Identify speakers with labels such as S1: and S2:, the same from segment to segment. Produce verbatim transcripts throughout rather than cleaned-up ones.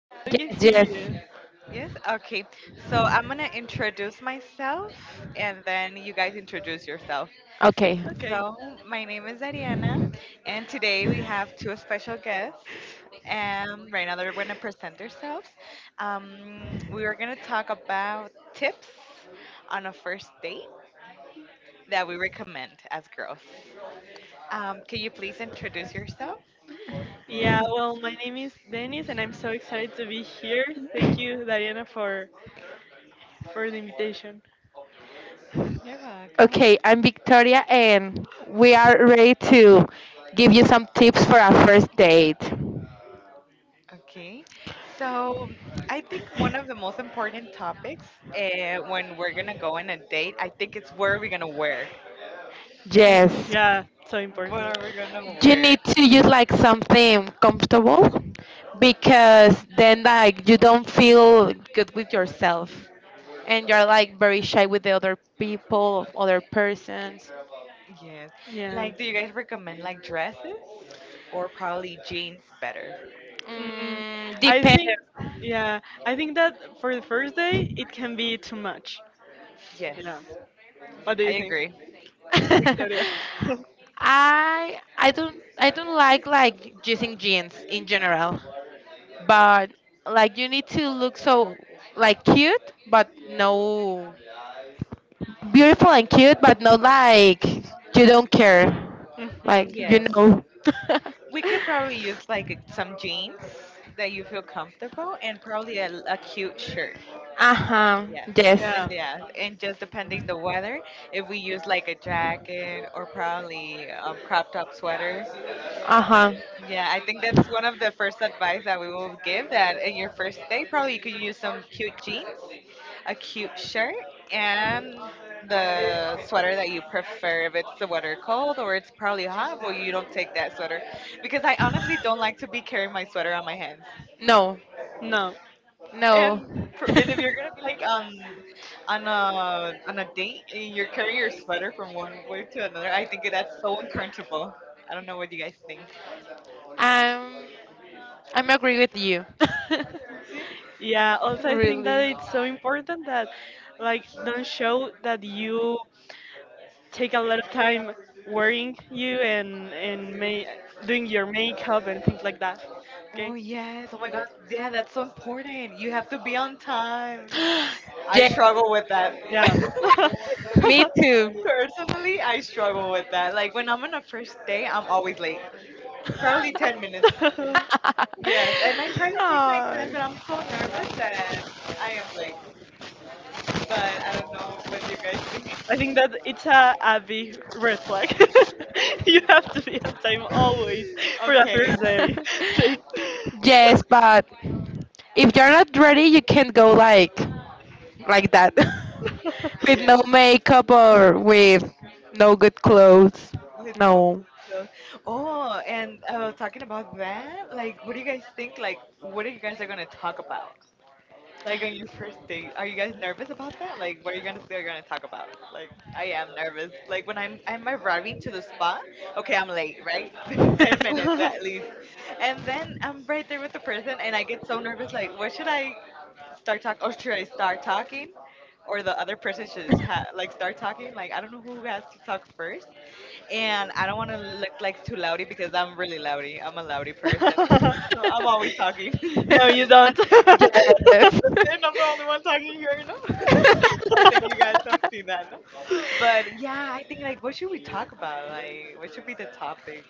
S1: Yeah, we can
S2: Yes,
S1: hear
S2: yes.
S1: you.
S3: Yes. Okay. So I'm gonna introduce myself, and then you guys introduce yourself.
S2: Okay.
S1: Okay.
S3: So my name is Ariana, and today we have two special guests. And right now they're gonna present themselves. Um, we are gonna talk about tips on a first date that we recommend as girls. Um, can you please introduce yourself?
S1: Yeah, well, my name is Dennis, and I'm so excited to be here. Thank you, Diana, for for the invitation.
S3: You're welcome.
S2: Okay, I'm Victoria, and we are ready to give you some tips for a first date.
S3: Okay, so I think one of the most important topics uh, when we're gonna go on a date, I think it's what are we gonna wear?
S1: Mm,
S2: Yes,
S1: yeah, so important.
S3: What are we gonna
S2: you
S3: wear?
S2: need to use like something comfortable because then like you don't feel good with yourself and you're like very shy with the other people, of other persons.
S3: Yes,
S1: Yeah.
S3: like do you guys recommend like dresses or probably jeans better?
S1: Mm,
S2: Mm,
S1: I think,
S2: depends.
S1: yeah, I think that for the first day it can be too much.
S3: Yes,
S1: Yeah. What do
S3: I
S1: you think?
S3: agree.
S1: Victoria.
S2: I I don't I don't like like using jeans in general, but like you need to look so like cute, but no beautiful and cute, but not like you don't care,
S1: hmm
S2: like you
S3: Yes,
S2: know.
S3: we could probably use like some jeans that you feel comfortable and probably a, a cute shirt.
S2: uh huh.
S3: Yes,
S2: Yes.
S3: and
S1: Yeah.
S3: yeah, and just depending the weather, if we use like a jacket or probably um, crop top sweater.
S2: Uh huh.
S3: Yeah, I think that's one of the first advice that we will give that in your first day, probably you could use some cute jeans, a cute shirt, and the sweater that you prefer. If it's the weather cold or it's probably hot, well, you don't take that sweater because I honestly don't like to be carrying my sweater on my hands.
S2: No.
S1: No.
S3: And
S2: No.
S3: pr- and if you're like um on a on a date and you're carrying your sweater from one way to another, I think that's so uncomfortable. I don't know what you guys think.
S2: I'm I'm agree with you.
S3: See?
S1: Yeah,
S3: Okay.
S1: also I think that
S2: Really.
S1: it's so important that like don't show that you take a lot of time wearing you and and ma- doing your makeup and things like that.
S3: Oh
S1: Okay?
S3: yes. Oh my God. Yeah, that's so important. You have to be on time. I
S2: Yes.
S3: struggle with that.
S2: Me too.
S3: Personally, I struggle with that. Like when I'm on a first day, I'm always late. Probably ten minutes.
S1: Yeah.
S3: Yes, and I try to take my time,
S2: Oh.
S3: but I'm so nervous that I am late. But I don't know what you guys think.
S1: I think that it's a, a big red flag. you have to be on time always for a
S3: okay,
S1: first day. Thank-
S2: Yes, but if you're not ready, you can go like like that with no
S3: yes,
S2: makeup or with no good clothes.
S3: with no
S2: No.
S3: cl- clothes. Oh, and uh, talking about that, like, what do you guys think? Like, what are you guys are gonna talk about? Like on your first date, are you guys nervous about that? Like, what are you gonna, guys are gonna talk about? Like, I am nervous. Like when I'm I'm arriving to the spot. Okay, I'm late, right? Ten minutes at least, and then I'm right there with the person, and I get so nervous. Like, what should I start talk or should I start talking? Or the other person should just ha- like start talking. Like I don't know who has to talk first, and I don't want to look like too loudy because I'm really loudy. I'm a loudy person. I'm always talking, and
S1: no, you don't.
S2: Yes.
S3: I'm the only one talking here. You know, I think you guys have seen that. No? But yeah, I think like what should we talk about? Like what should be the topic?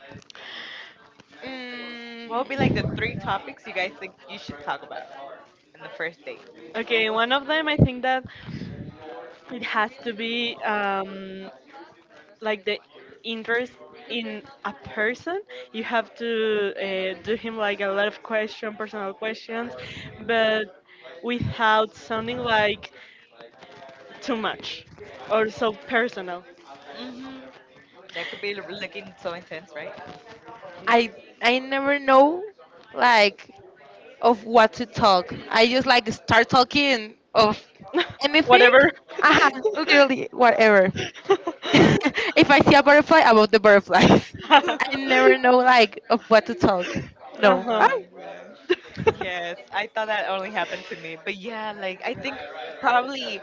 S3: What would
S2: Mm.
S3: be like the three topics you guys think you should talk about in the first date?
S1: okay, one of them I think that it has to be um, like the interest in a person you have to uh, do him like a lot of question personal questions but without sounding like too much or so personal.
S3: Hmm. That could be l- looking so intense, right?
S2: I I never know like of what to talk. I just like start talking of anything.
S1: whatever
S2: Uh-huh, literally whatever. If I see a butterfly, I want the butterflies. I never know like of what to talk. No.
S1: uh-huh
S2: I,
S3: longer. Yes, I thought that only happened to me. But yeah, like I think probably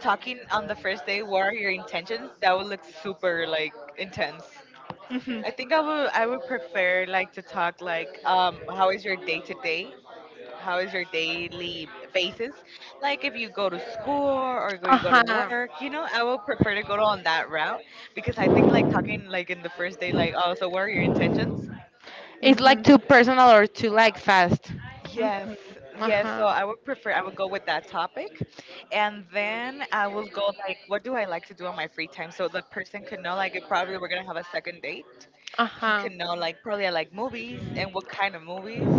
S3: talking on the first day, what are your intentions? That would look super like intense.
S1: hmm
S3: I think I would I would prefer like to talk like um how is your day to day? How is your daily basis? Like if you go to school or go- you go to
S2: Uh-huh.
S3: work, you know, I would prefer to go on that route because I think like talking like in the first day like oh so what are your intentions?
S2: It's like too personal or too like fast.
S3: Yes,
S1: hmm
S3: yes. So
S2: Uh-huh.
S3: I would prefer, I would go with that topic. And then I will go, like, what do I like to do on my free time? So the person could know, like, if probably we're going to have a second date, he
S2: Uh-huh.
S3: could know, like, probably I like movies and what kind of movies.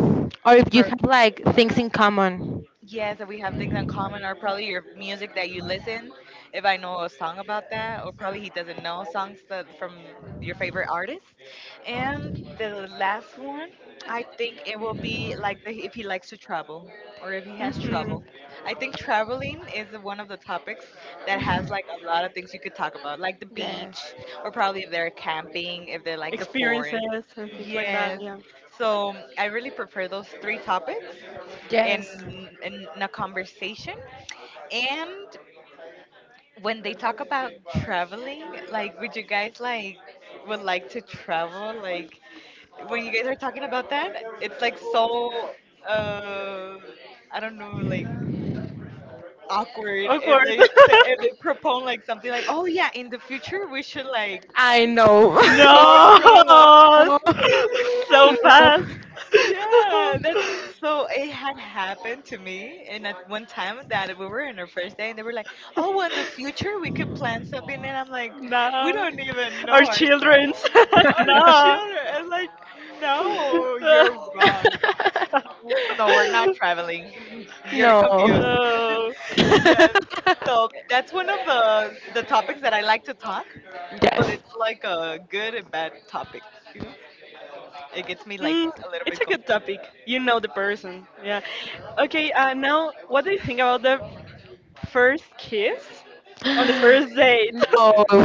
S2: Or if you have like things in common.
S3: Yes, that we have things in common, or probably your music that you listen. If I know a song about that, or probably he doesn't know songs that, from your favorite artist. And the last one, I think it will be like the, if he likes to travel or if he has
S1: Mhm.
S3: trouble. I think traveling is one of the topics that has like a lot of things you could talk about, like the
S2: Yes.
S3: beach, or probably if they're camping, if they like the
S1: Experiences
S3: forest.
S1: and things, yeah,
S3: Yes.
S1: Yeah.
S3: So I really prefer those three topics in
S2: Yes.
S3: in a conversation. And when they talk about traveling, like would you guys like would like to travel? Like when you guys are talking about that, it's like so uh I don't know, like awkward if they say, if they propose like something like, "Oh yeah, in the future we should like
S2: I know.
S3: go and travel."
S1: no.
S2: No.
S1: so
S2: No.
S1: fast. yeah,
S3: Yeah, that's so it had happened to me and at one time that we were in our first day and they were like, oh, well, in the future we could plan something and I'm like, we
S1: No.
S3: don't even
S1: Our
S3: know
S1: children's.
S3: ourselves. Our
S1: no.
S3: children and like, no, you're wrong. No, we're not traveling. You're confused.
S2: No.
S1: oh.
S3: Yes. So that's one of the the topics that I like to talk, but
S2: Yes.
S3: it's like a good and bad topic, you know? It gets me like
S1: Mm,
S3: a little
S1: it's
S3: bit
S1: a good topic. You know the person. Yeah. Okay, uh, now, what do you think about the first kiss on the first date?
S2: No,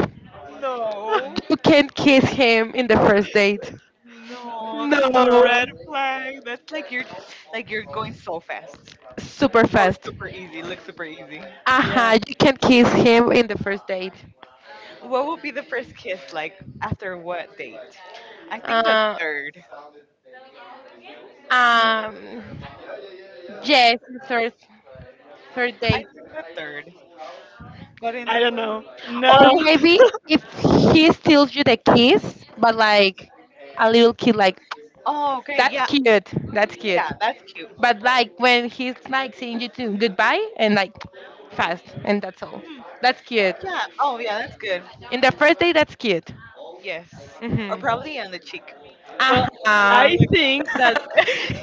S3: confused. No.
S2: you can't kiss him in the first date.
S3: No,
S2: No,
S3: that's a
S1: no.
S3: red flag. That's like you're like you're going so fast
S2: super
S3: or
S2: fast.
S3: super easy. Look super easy.
S1: Yeah.
S2: Uh-huh, you can kiss him in the first date.
S3: What would be the first kiss like after what date? I think the
S2: Uh,
S3: third.
S2: um, yes, third, third
S3: I
S2: date.
S3: think the third. But in the
S1: I don't
S3: first,
S1: know. No.
S2: Or maybe if he steals you the kiss, but like a little kid, like,
S3: oh, okay.
S2: that's
S3: Yeah.
S2: cute, that's
S3: Yeah,
S2: cute.
S3: that's cute.
S2: But like when he's like saying you to goodbye and like fast, and that's all.
S3: Hmm.
S2: That's cute.
S3: Yeah. Oh, yeah, that's good.
S2: In the first day, that's cute.
S3: Yes. Or
S2: Hmm.
S3: probably on the cheek.
S1: Well,
S3: That
S2: Uh-huh.
S1: I
S3: like
S1: think that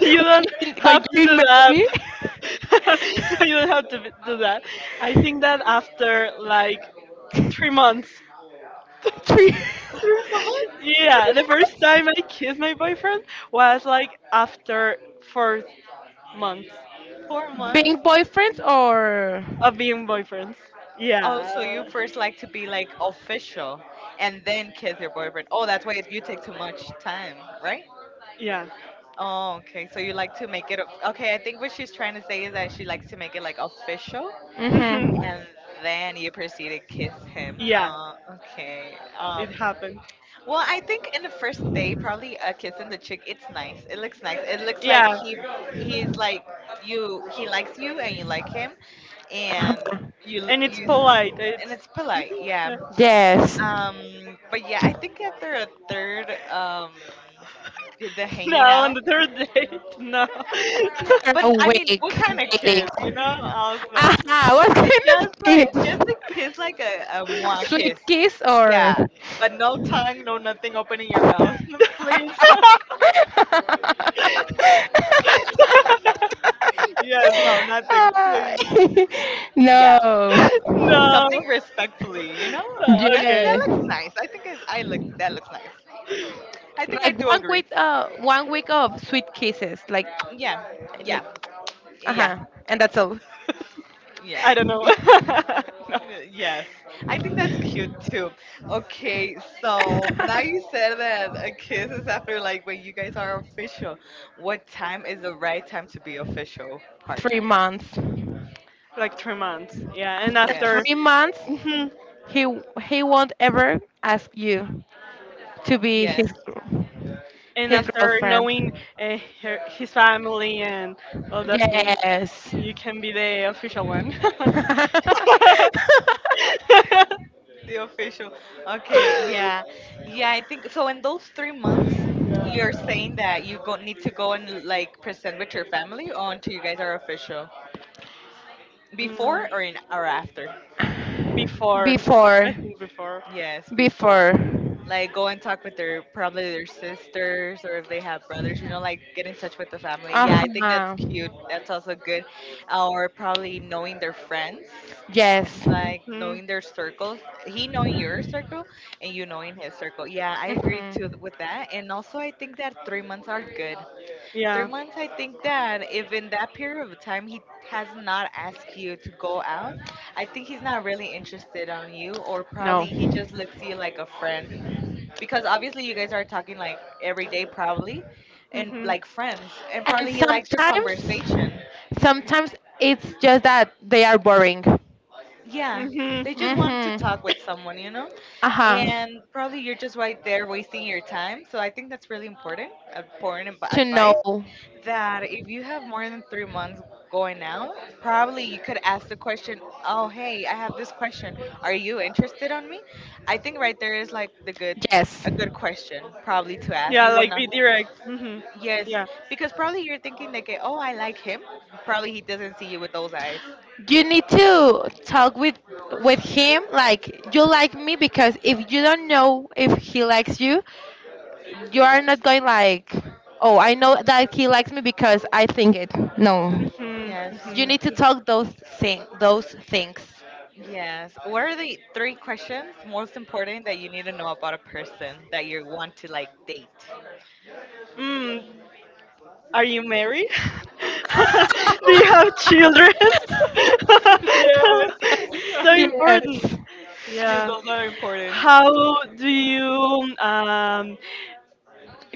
S1: you don't
S2: you, when
S1: have to
S2: you
S1: do
S2: marry,
S1: that. you don't have to b- do that. I think that after like three months.
S2: three,
S3: three months?
S2: three
S1: Yeah, the first time
S2: months?
S1: I kissed my boyfriend was like after fourth month
S3: four months?
S2: Being boyfriends or.
S1: of being boyfriends.
S3: Oh, so you
S1: Yeah.
S3: first like to be like official and then kiss your boyfriend. Oh, that's why you take too much time, right?
S1: Yeah.
S3: Oh, okay. So you like to make it. o- Okay, I think what she's trying to say is that she likes to make it like official
S1: hmm
S2: Hmm.
S3: and then you proceed to kiss him. Uh, okay. Um,
S1: happened.
S3: well, I think in the first day, probably a kiss in the cheek. It's nice. It looks nice. It looks like he he's like you. He likes you and you like him, and
S2: Uh-huh.
S3: you you
S1: And
S3: and it's polite. Yeah.
S2: Yes.
S3: Um, but yeah, I think after a third, um, the the
S1: like
S3: hanging
S1: on
S3: out.
S1: the third date. No,
S3: Yeah,
S2: After
S3: but
S2: a
S3: I mean,
S2: week
S3: what kind of
S2: dating.
S3: kiss, you know? Also,
S2: Aha, what
S3: it
S2: kind of
S3: just like just a
S2: kiss?
S3: kiss, like a, a
S2: A
S3: moi kiss.
S2: sweet kiss or.
S3: Yeah, but no tongue, no nothing opening your mouth, please.
S1: why?
S3: yes, no, nothing, please. Yeah,
S2: No.
S1: no.
S3: something respectfully, you know? That that
S2: Yes.
S3: looks nice. I think I, I look that looks nice. I think I
S2: Like
S3: do
S2: one
S3: agree.
S2: week uh one week of sweet kisses. Like
S3: Yeah, yeah,
S2: like
S3: yeah,
S2: uh-huh. And that's all.
S1: that.
S3: yeah.
S1: I don't know.
S2: Yeah.
S1: no.
S3: Uh, Yes, I think that's cute too. Okay, so now you said that a kiss is after like when you guys are official. What time is the right time to be official
S2: three
S3: partners?
S2: months. The
S1: Like three months. Yeah, and after
S3: Yes,
S2: three months
S1: three months,
S2: he he won't ever ask you to be
S3: yes,
S2: his gr-
S1: and
S2: his
S3: yes,
S1: after knowing
S2: girlfriend.
S1: uh, her, his family and all the things,
S2: Yes.
S1: you can be the official one.
S3: the official. Okay, yeah, yeah, I think so. In those three months, you're saying that you go need to go and like present with your family or until you guys are official
S1: Mm,
S3: before or in or after?
S1: before,
S2: Before.
S1: I think before.
S3: Yes, before.
S2: before
S3: Like go and talk with their probably their sisters or if they have brothers, you know, like get in touch with the family. Yeah, I think that's
S2: uh-huh.
S3: cute, that's also good, or probably knowing their friends,
S2: Yes.
S3: like
S1: Mm,
S3: knowing their circles, he knowing your circle and you knowing his circle. Yeah, I agree too
S2: Hmm.
S3: with that, and also I think that three months are good. three
S1: yeah.
S3: months I think that if in that period of time he has not asked you to go out, I think he's not really interested on you, or probably
S2: No.
S3: he just
S2: And
S3: looks you like a friend because obviously you guys are talking like every day probably and
S1: Mhm.
S3: like friends and probably he likes your
S2: sometimes
S3: conversation.
S2: sometimes it's just that they are boring.
S3: Yeah, they just want to talk with
S2: Mm-hmm.
S3: someone, you
S1: Mhm.
S3: know,
S2: Uh-huh.
S3: and probably you're just right there wasting your time. So I think that's really important important ab-
S2: To
S3: advice
S2: know.
S3: that if you have more than three months going out, probably you could ask the question, oh hey, I have this question, are you interested on me? I think right there is like the good
S2: Yes,
S3: a good question probably to ask.
S1: Yeah,
S3: You
S1: like
S3: wanna,
S1: be direct. Hmm
S3: yes,
S1: Yeah.
S3: because probably you're thinking like, oh, I like him. Probably he doesn't see you with those eyes.
S2: you need to talk with with him, like you like me, because if you don't know if he likes you. You are not going like, oh, I know that he likes me because I think it. No,
S1: Would be like,
S3: Yes.
S1: hmm
S2: you
S1: hmm
S2: need to
S3: Yeah.
S2: talk those thing, those things.
S3: Yes. What are the three questions most important that you need to know about a person that you want to like date?
S1: Mm, are you married? Do you have children?
S3: Yes.
S1: so
S3: You-
S1: important.
S2: Yes.
S3: Yes,
S1: Yeah.
S3: those are important.
S1: How do you um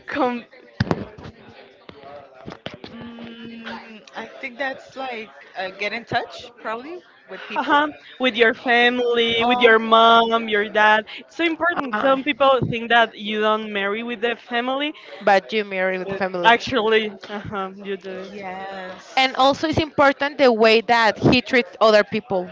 S1: come
S3: Mm, I think that's like uh, get in touch probably with people.
S1: uh with your family, with your
S3: Oh,
S1: mom, your dad? It's so important.
S2: Uh,
S1: Some people think that you don't marry with the family,
S2: but you marry with the family,
S1: actually, uh you do it.
S2: and
S3: yes.
S2: also it's important the way that he treats other people.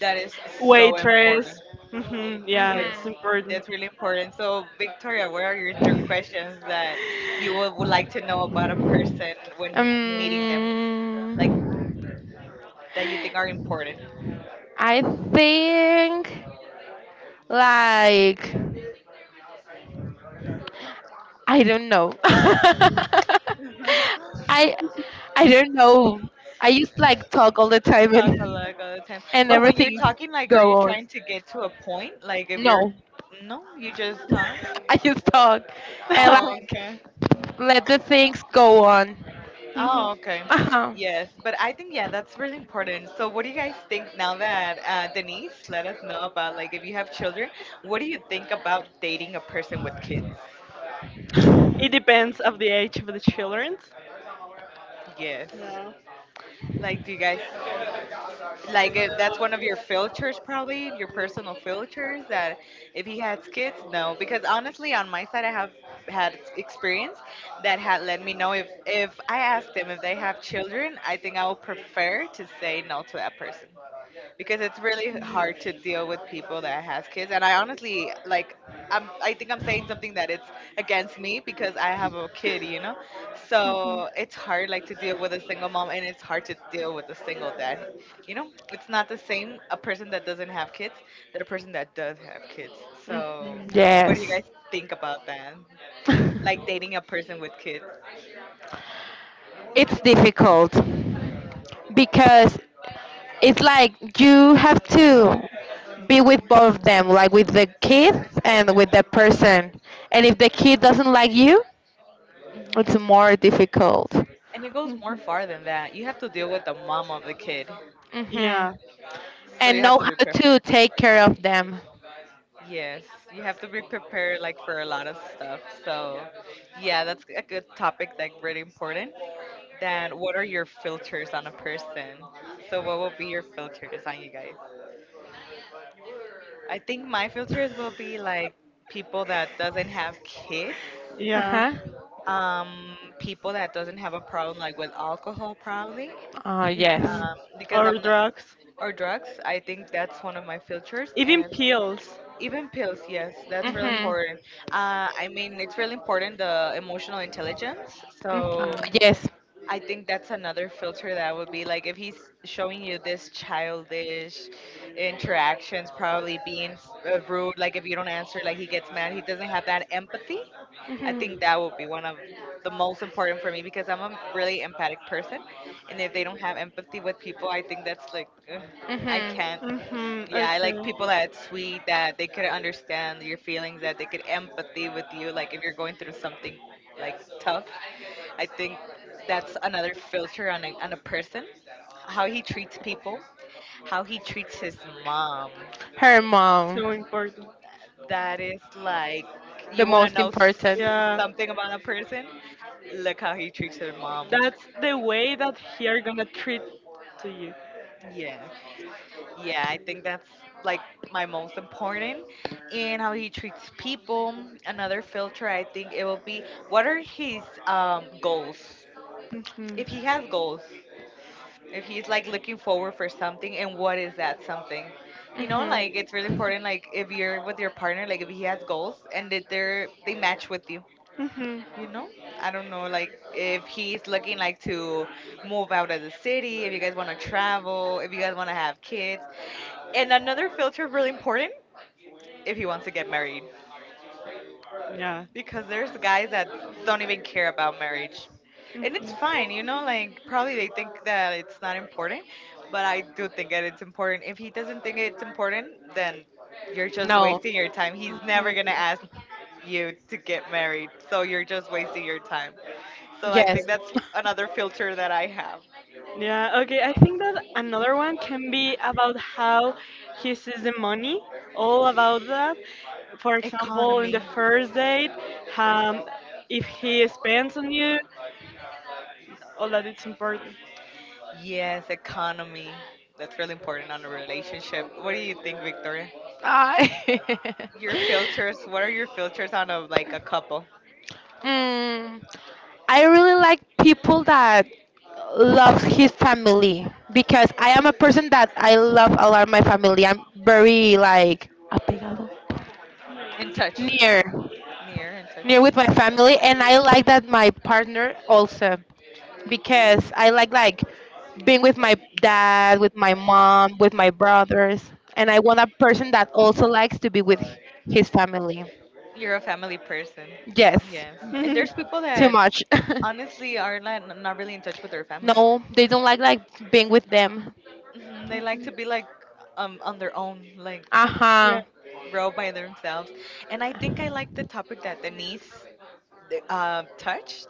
S3: That is so
S1: Waitress.
S3: important.
S1: Hmm yeah,
S3: Yes,
S1: it's
S2: Mhm.
S1: important.
S3: that's really important. So, Victoria, what are your three questions that you would, would like to know about a person when meeting them,
S2: Um,
S3: like that you think are important?
S2: I think like. I don't know. I I don't know. I just like talk all the time
S3: Talk a
S2: and
S3: lot all the time.
S2: and
S3: But when you're
S2: everything
S3: talking, like, are
S2: go
S3: you
S2: on.
S3: trying to get to a point? Like, if you're,
S2: No,
S3: no, you just talk?
S2: I just talk and
S3: Oh,
S2: like
S3: okay.
S2: let the things go on.
S1: Mhm.
S3: Oh, okay.
S2: Uh huh.
S3: Yes, but I think yeah, that's really important. So, what do you guys think now that uh, Denise let us know about like if you have children, what do you think about dating a person with kids?
S1: It depends of the age of the children.
S3: Yes.
S1: Yeah.
S3: Like, do you guys like if that's one of your filters, probably your personal filters that if he has kids, no? Because honestly, on my side, I have had ex- experience that had let me know if if I ask them if they have children, I think I would prefer to say no to that person. Because it's really hard to deal with people that has kids, and I honestly like i'm I think I'm saying something that it's against me because I have a kid, you know. So it's hard like to deal with a single mom, and it's hard to deal with a single dad, you know. It's not the same, a person that doesn't have kids than a person that does have kids. So
S1: Mhm.
S3: what do you
S2: Yes,
S3: guys think about that, like dating a person with kids?
S2: it's difficult because it's like you have to be with both of them, like with the kid and with the person. And if the kid doesn't like you, it's
S3: Hmm.
S2: more difficult.
S3: And it goes more far than that.
S1: Mhm.
S3: You have to deal with the mom of the kid.
S2: Hmm.
S1: Yeah,
S3: So
S2: And
S3: you have
S2: know
S3: to be
S2: how to
S3: prepared.
S2: take care of them.
S3: Yes, you have to be prepared like for a lot of stuff. So, yeah, that's a good topic, like really important. Then, what are your filters on a person? So, what will be your filters on you guys? I think my filters will be like people that doesn't have kids,
S2: Uh
S1: yeah.
S2: huh.
S3: um, people that doesn't have a problem like with alcohol probably,
S2: Oh, yes.
S1: hmm
S3: um, because
S1: Or
S3: I'm not,
S1: drugs.
S3: or drugs. I think that's one of my filters,
S1: Even
S3: and
S1: pills.
S3: even pills, yes, that's really
S2: Mhm.
S3: important. uh, I mean, it's really important the emotional intelligence.
S2: Oh,
S3: So
S1: Mhm.
S2: yes.
S3: I think that's another filter, that would be like if he's showing you this childish interactions, probably being uh, rude, like if you don't answer, like he gets mad, he doesn't have that empathy. I
S2: Mhm.
S3: think that would be one of the most important for me because I'm a really empathic person, and if they don't have empathy with people, I think that's like, ugh, I
S2: Mhm.
S3: can't.
S1: Mhm.
S3: Yeah, I like people
S1: Okay.
S3: that sweet, that they could understand your feelings, that they could empathy with you, like if you're going through something like tough. I think that's another filter on a on a person, how he treats people, how he treats his mom.
S2: Her mom,
S1: So important.
S3: That is like,
S2: the
S3: you want to
S2: most
S3: know s-
S2: important.
S1: Yeah.
S3: something about a person, look how he treats her mom.
S1: That's the way that he are gonna treat to you.
S3: Yeah, yeah, I think that's like my most important, and how he treats people. Another filter, I think it will be, what are his um, goals,
S1: Mhm.
S3: if he has goals, if he's like looking forward for something, and what is that something. You know,
S2: Mhm.
S3: like it's really important, like if you're with your partner, like if he has goals and that they're they match with you,
S1: Mhm.
S3: you know. I don't know, like if he's looking like to move out of the city, if you guys want to travel, if you guys want to have kids. And another filter really important, if he wants to get married,
S1: Yeah.
S3: because there's guys that don't even care about marriage, and it's fine, you
S1: Mhm.
S3: know, like probably they think that it's not important, but I do think that it's important. If he doesn't think it's important, then you're just
S2: No.
S3: wasting your time. He's never going to
S1: Mhm.
S3: ask you to get married, so you're just wasting your time. So I
S2: Yes.
S3: think that's another filter that I have.
S1: Yeah, okay. I think that another one can be about how he sees the money, all about that. For example, in
S3: Economy.
S1: the first date, um, if he spends on you, all that it's important.
S3: Yes, economy, that's really important on a relationship. What do you think, Victoria?
S2: I.
S3: Your filters. What are your filters on a like a couple?
S2: Mm. I really like people that loves his family because I am a person that I love a lot my family. I'm very like apegado,
S3: In touch.
S2: near
S3: Near in touch.
S2: near with my family, and I like that my partner also, because I like like being with my dad, with my mom, with my brothers, and I want a person that also likes to be with his family.
S3: You're a family person.
S2: Yes.
S3: Yes. And there's people
S2: Too
S1: yeah.
S3: that
S2: much.
S3: honestly are not not really in touch with their family.
S2: No, they don't like like being with them.
S3: Hmm. They like to be like um on their own, like
S2: Uh-huh.
S3: row by themselves. And I think I like the topic that Denise th- uh, touched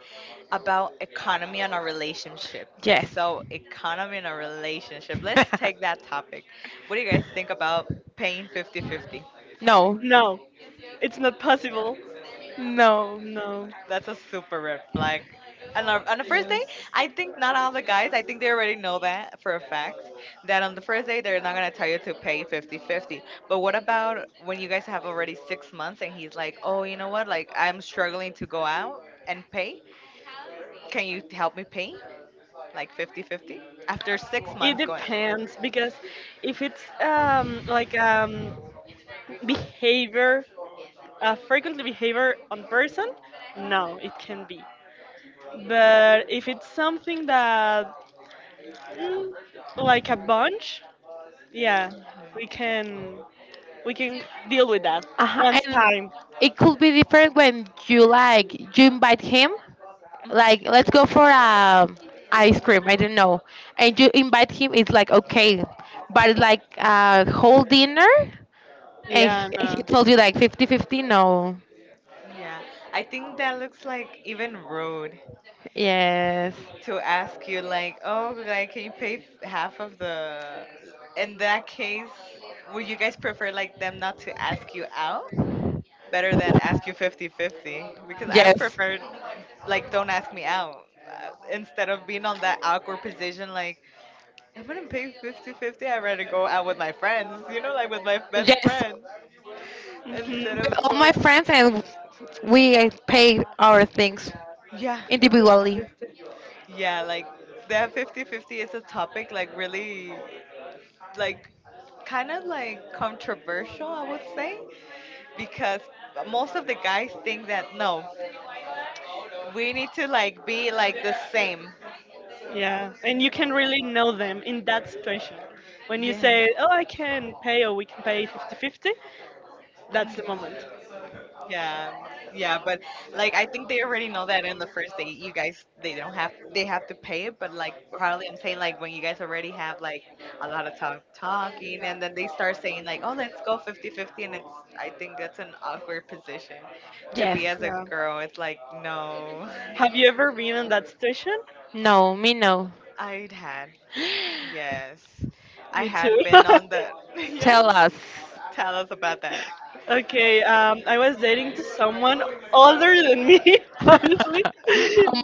S3: about economy and a relationship.
S2: Yes.
S3: So, economy and a relationship. Let's take that topic. What do you guys think about paying fifty fifty?
S2: No.
S1: No, it's not possible.
S2: No.
S1: No.
S3: That's a super red flag. And on on the first day, I think not all the guys, I think they already know that for a fact, that on the first day, they're not going to tell you to pay fifty-fifty. But what about when you guys have already six months and he's like, oh, you know what? Like, I'm struggling to go out and pay. Can you help me pay? Like fifty-fifty. After six
S1: It
S3: months going on.
S1: depends because if it's um, like um, behavior, a frequent behavior on person, no, it can be. But if it's something that mm, like a bunch, yeah, we can we can deal with that
S2: Uh-huh.
S1: once
S2: And
S1: time,
S2: it could be different when you like you invite him.
S3: Mhm. Mhm.
S2: Like let's go for a ice cream. I don't know. And you invite him. It's like okay, but it's like a whole dinner. And
S1: yeah,
S2: he and he
S1: no.
S2: told you like fifty fifty. No.
S3: Yeah, I think that looks like even rude
S2: Yes.
S3: to ask you like, oh, like can you pay f- half of the? In that case, would you guys prefer like them not to ask you out? Better than ask you fifty-fifty, because I would
S2: Yes.
S3: prefer like don't ask me out, uh, instead of being on that awkward position like, I'm gonna pay fifty-fifty. I'd rather go out with my friends, you know, like with my best
S2: Yes.
S3: friend instead
S1: Mhm.
S2: With
S3: of
S2: all my
S3: going.
S2: friends, and we pay our things
S3: Yeah,
S2: individually.
S3: yeah, like that fifty-fifty is a topic like really like kind of like controversial, I would say, because most of the guys think that no, we need to like be like the same.
S1: Yeah, and you can really know them in that situation when you
S3: Yeah.
S1: say oh, I can pay or we can pay 50 fifty, that's the
S3: Mm-hmm.
S1: moment.
S3: Yeah, yeah, but like I think they already know that in the first date, you guys they don't have they have to pay it, but like probably I'm saying like when you guys already have like a lot of talk talking, and then they start saying like, oh, let's go fifty fifty, and it's, I think that's an awkward position to be
S2: Jeff.
S3: as a
S1: Yeah,
S3: girl. It's like, no.
S1: have you ever been in that situation?
S2: No, me no.
S3: I would had, yes, I
S1: Me too.
S3: had been on the, yes.
S2: Tell us.
S3: Tell us about that.
S1: Okay, um, I was dating to someone older than me, obviously.
S2: How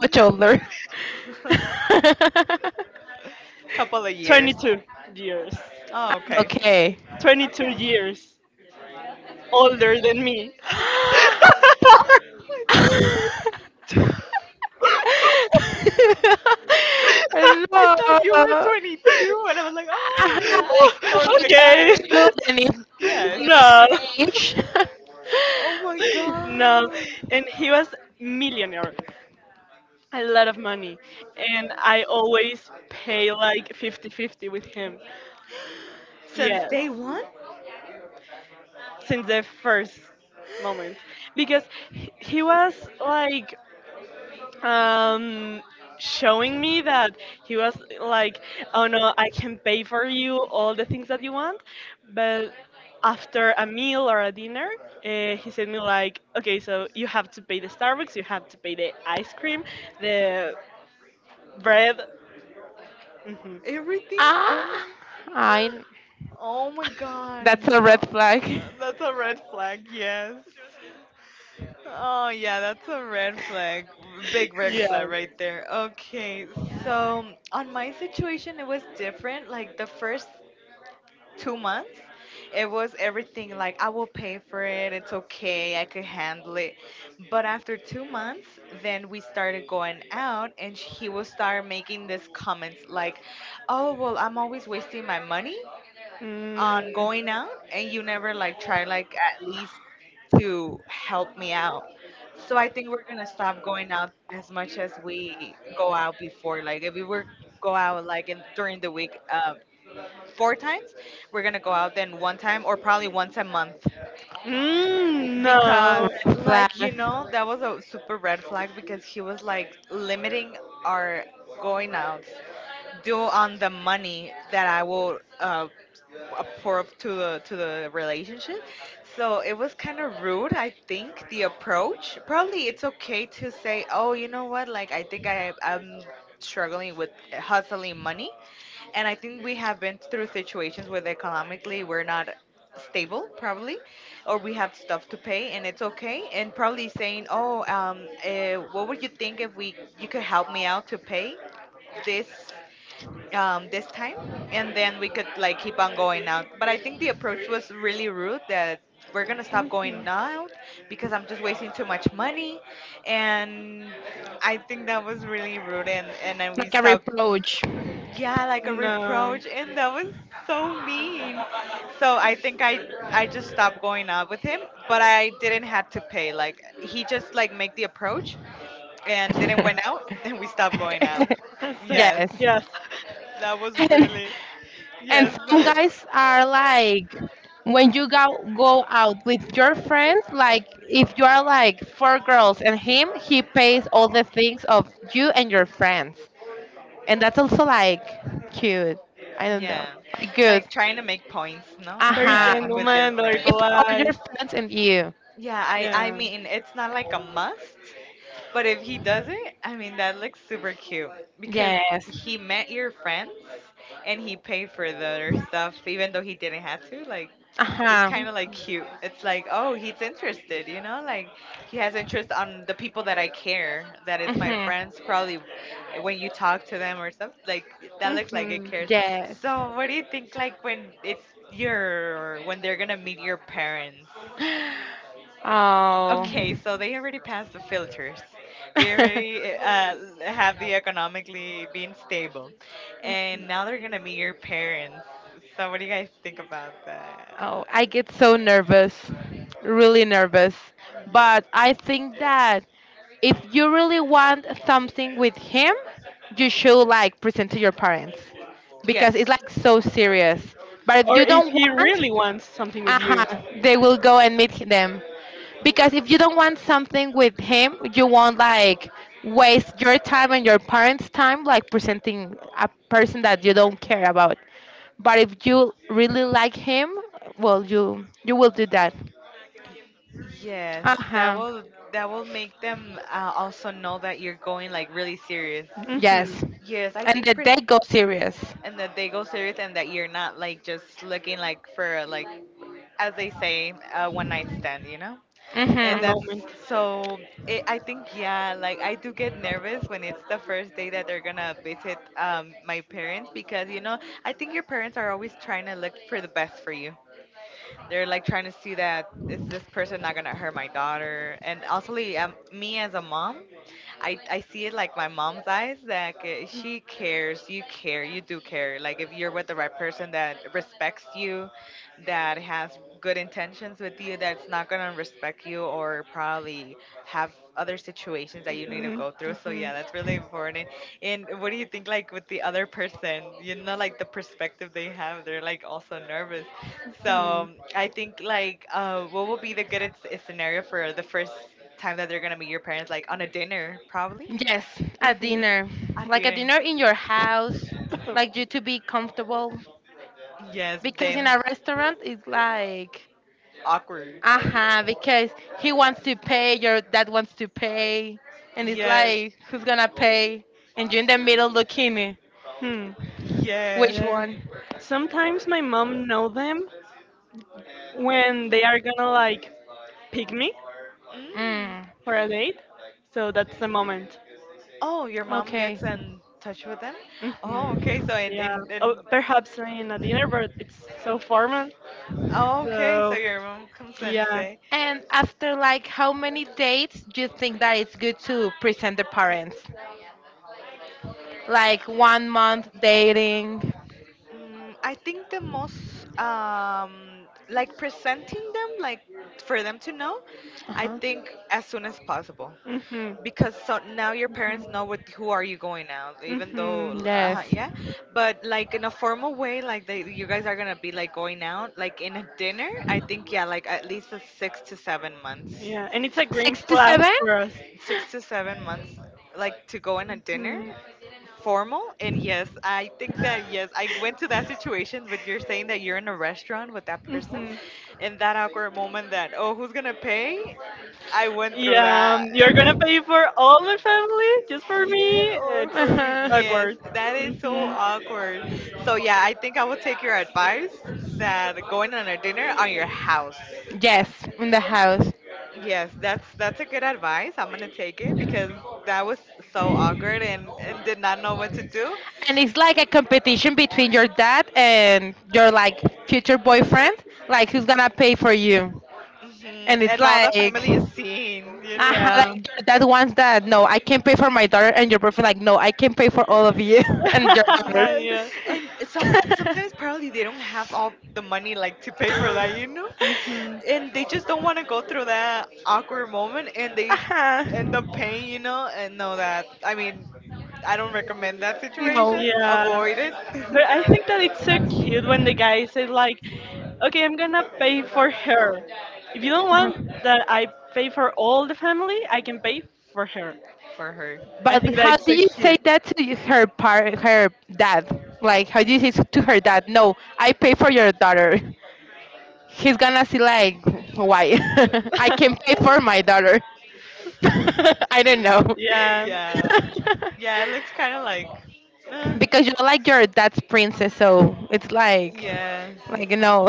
S2: much older?
S3: Couple of years.
S1: twenty-two years.
S3: Oh, okay.
S2: Okay.
S1: twenty-two
S3: Okay.
S1: years older than me.
S3: I thought you were. I thought you were
S2: No.
S3: twenty-two, and I was like,
S2: Aha,
S3: oh yeah,
S2: like,
S3: or
S2: he
S3: the
S2: told
S1: okay.
S3: guy.
S2: you the name-
S3: Yes.
S2: the next
S1: no.
S2: age.
S3: Oh my
S1: No.
S3: god.
S1: And he was millionaire. A lot of money. And I always pay like fifty fifty with him.
S3: Since day
S1: Yes.
S3: one?
S1: Since the first moment because h- he was like um showing me that he was like, oh no, I can pay for you all the things that you want, but after a meal or a dinner, uh, he said me like, okay, so you have to pay the starbucks, you have to pay the ice cream, the bread. Hmm
S3: Everything? Oh
S2: ah,
S3: my.
S2: I
S3: Oh my god.
S2: that's a red
S3: No.
S2: flag.
S3: That's a red flag, yes. Oh yeah, that's a red flag. Big red
S1: yeah
S3: flag right there. Okay. So, on my situation it was different. Like the first two months, it was everything like, I will pay for it, it's okay, I could handle it. But after two months, then we started going out, and sh- he will start making these comments like, oh well, I'm always wasting my money
S1: Mm.
S3: on going out, and you never like try like at least to help me out. So I think we're gonna stop going out as much as we go out before. Like if we were go out like in, during the week, uh, four times, we're gonna go out then one time, or probably once a month.
S1: Mm,
S3: Because,
S1: no,
S2: Red flag.
S3: like, you
S2: Like
S3: know, that was a super red flag because he was like limiting our going outs due on the money that I will uh, approve to the to the relationship. So it was kind of rude, I think, the approach. Probably it's okay to say, "Oh, you know what? Like I think I I'm struggling with hustling money." And I think we have been through situations where economically we're not stable, probably, or we have stuff to pay, and it's okay, and probably saying, oh, um uh, what would you think if we you could help me out to pay this, um, this time, and then we could like keep on going out. But I think the approach was really rude, that we're gonna stop going out because I'm just wasting too much money, and I think that was really rude. And and then we
S2: a
S3: stopped,
S2: reproach.
S3: yeah, like a
S1: No.
S3: reproach, and that was so mean. So I think I I just stopped going out with him, but I didn't have to pay. Like he just like make the approach, and didn't went out, and we stopped going out.
S1: That's
S3: Yes.
S2: Yes.
S1: Yes.
S3: That was
S2: And,
S3: really,
S2: and
S3: yes, that
S2: some
S3: wa-
S2: guys are like, when you go, go out with your friends, like if you are like four girls and him, he pays all the things of you and your friends. And that's also like cute. I don't know.
S3: yeah,
S2: Like good.
S3: like trying to make points, no,
S1: Very
S2: Aha.
S3: that with your
S1: gentleman, very
S3: friend.
S2: If all
S1: polite.
S2: your friends and you.
S1: Yeah.
S3: Yeah, I I
S1: Mhm.
S3: mean it's not like a
S1: Mhm.
S3: must, but if he does it, I mean that looks super cute because
S2: Yes.
S3: he met your friends and he paid for their stuff even though he didn't have to. Like it's
S2: Uh-huh.
S3: kind of like cute. It's like, oh, he's interested, you know, like he has interest on the people that I care, that is my
S2: Hmm.
S3: friends. Probably when you talk to them or stuff like that, looks like it cares.
S2: Yes.
S3: So what do you think like when it's your when they're gonna meet your parents?
S2: Oh.
S3: Okay, so they already passed the filters. They already uh, have the economically being stable, and now they're gonna be your parents. So what do you guys think about that?
S2: Oh, I get so nervous, really nervous. But I think that if you really want something with him, you should like present to your parents because
S3: Yes.
S2: it's like so serious. But if
S1: Or
S2: you
S1: if
S2: don't
S1: he
S2: want,
S1: really wants something
S2: uh
S1: with you.
S2: huh. they will go and meet h- them. Because if you don't want something with him, you won't like waste your time and your parents' time like presenting a person that you don't care about. But if you really like him, well, you you will do that.
S3: Yes, that
S2: Uh-huh.
S3: will that will make them uh, also know that you're going like really serious.
S1: Hmm
S2: Yes.
S1: A
S3: Yes, I
S2: And the
S3: think pers-
S2: date goes serious.
S3: and that they go serious and that you're not like just looking like for like as they say, a one night stand, you know? And
S2: Mm-hmm.
S3: that's
S1: moment.
S3: so, it, I think, yeah, like I do get nervous when it's the first day that they're gonna visit um, my parents because, you know, I think your parents are always trying to look for the best for you. They're like trying to see that is this person not gonna hurt my daughter? And also, like, um, me as a mom, I I see it like my mom's eyes that ca- she cares, you care, you do care. Like if you're with the right person that respects you, that has good intentions with you, that's not gonna respect you or probably have other situations that you need to go through. So yeah, that's really important.
S1: Mm-hmm.
S3: And what do you think like with the other person? You know, like the perspective they have, they're like also nervous. So I think like uh, what would be the good s- scenario for the first time that they're gonna meet your parents? Like on a dinner, probably
S2: Yes, a dinner.
S3: a
S2: Like a
S3: dinner.
S2: dinner in your house. Like you to be comfortable.
S3: Yes,
S2: Because in
S3: them.
S2: a restaurant it's like
S3: Awkward.
S2: Uh huh. Because he wants to pay, your dad wants to pay, and it's
S3: Yes.
S2: like, who's gonna pay? And you're in the middle looking,
S1: Mm-hmm.
S2: which
S3: Yes.
S1: hmm
S2: one?
S1: Sometimes my mom know them when they are gonna like pick me
S3: Mm.
S2: Mm.
S1: for a date. So that's the moment.
S3: Oh, your mom
S2: Okay.
S3: gets in touch with them?
S1: Hmm
S3: Oh, okay. So in
S1: Yeah.
S3: in,
S1: Oh,
S3: in
S1: perhaps in a dinner, but it's so formal.
S3: Oh, okay, so
S1: So
S3: your mom comes and
S1: yeah.
S3: say,
S2: And after like how many dates do you think that it's good to present the parents? Like one month dating.
S3: mm, I think the most um, like presenting them, like for them to know,
S2: Uh
S3: I
S2: huh.
S3: think as soon as possible
S1: hmm
S3: because so now your parents know what who are you going out, even
S1: hmm
S3: though
S2: Yes.
S3: uh, yeah, but like in a formal way, like they you guys are gonna be like going out, like in a dinner. I think yeah, like at least a six to seven months.
S1: Yeah. And it's a green
S2: Six to
S1: flag
S2: seven?
S1: for us.
S3: Six to seven months like to go on a dinner
S1: Hmm
S3: formal. And yes, I think that yes, I went to that situation, but you're saying that you're in a restaurant with that person
S1: hmm
S3: and that awkward moment that, oh, who's gonna pay? I went through
S1: Yeah, um,
S3: that
S1: you're
S3: and
S1: gonna
S3: it's
S1: pay for all my family just for me.
S3: yeah or
S1: It's
S2: Uh
S3: for me.
S2: huh.
S3: Yes,
S1: awkward.
S3: that is so awkward. So yeah, I think I will take your
S1: Hmm
S3: advice that going on a dinner on your house.
S2: Yes, in the house.
S3: Yes, that's that's a good advice. I'm gonna take it because that was so awkward and and did not know what to do.
S2: And it's like a competition between your dad and your like future boyfriend, like who's gonna pay for you.
S3: Hmm.
S2: And it's
S3: And all the
S2: like
S3: family is seeing, you know.
S2: uh like
S1: Yeah.
S2: your dad wants that, no, I can't pay for my daughter, and your boyfriend like, no, I can pay for all of you and your daughter.
S3: Yes,
S1: yeah.
S3: and some sometimes probably they don't have all the money like to pay for that, you know.
S1: hmm
S3: And they just don't want to go through that awkward moment and they
S2: Uh-huh.
S3: end up paying, you know, and know that I mean, I don't recommend that
S2: No.
S3: situation.
S1: Yeah.
S3: Avoid it.
S1: But I think that it's so cute when the guy said like, "Okay, I'm gonna pay for her. If you don't want
S2: Uh-huh.
S1: that I pay for all the family, I can pay for her."
S3: For her.
S1: I
S2: But
S3: Yeah.
S1: think that
S2: how
S1: it's so
S2: do you say
S1: cute.
S2: that to y- her par her dad? Like, how do you say to her dad, no, I pay for your daughter? He's gonna see like, why? I can pay for my daughter. I don't know.
S3: Yeah yeah it looks kind of like eh,
S2: Because you're like your dad's princess, so it's like
S3: yeah.
S2: like no.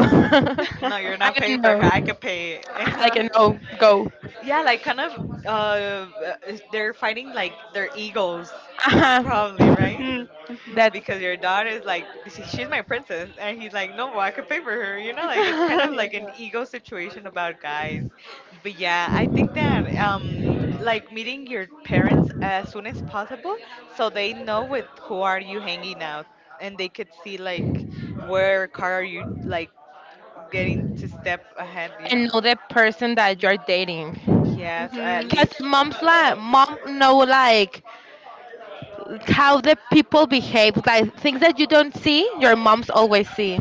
S1: yeah.
S3: No, you're
S2: I
S3: not
S2: don't
S3: paying for her, I
S2: know.
S3: could pay
S2: I can
S3: it.
S2: no go.
S3: Yeah, like kind of uh, uh, is- they're fighting like their egos, probably,
S2: Uh-huh.
S3: right?
S1: Mhm. Mhm.
S2: That's,
S3: Because your daughter is like, "She- she's my princess," and he's like, no, I could pay for her. You know, like it's kind
S1: yeah.
S3: of like an ego situation about guys. But yeah, I think that um, like meeting your parents as soon as possible, so they know with who are you hanging out, and they could see like where car are you like getting to step ahead, you know?
S2: and know the person that
S3: Mm.
S2: you're dating,
S3: Yes, at
S1: Mhm.
S2: because
S3: least.
S2: mom's like, mom know like how the people behave, like things that you don't see, your moms always see.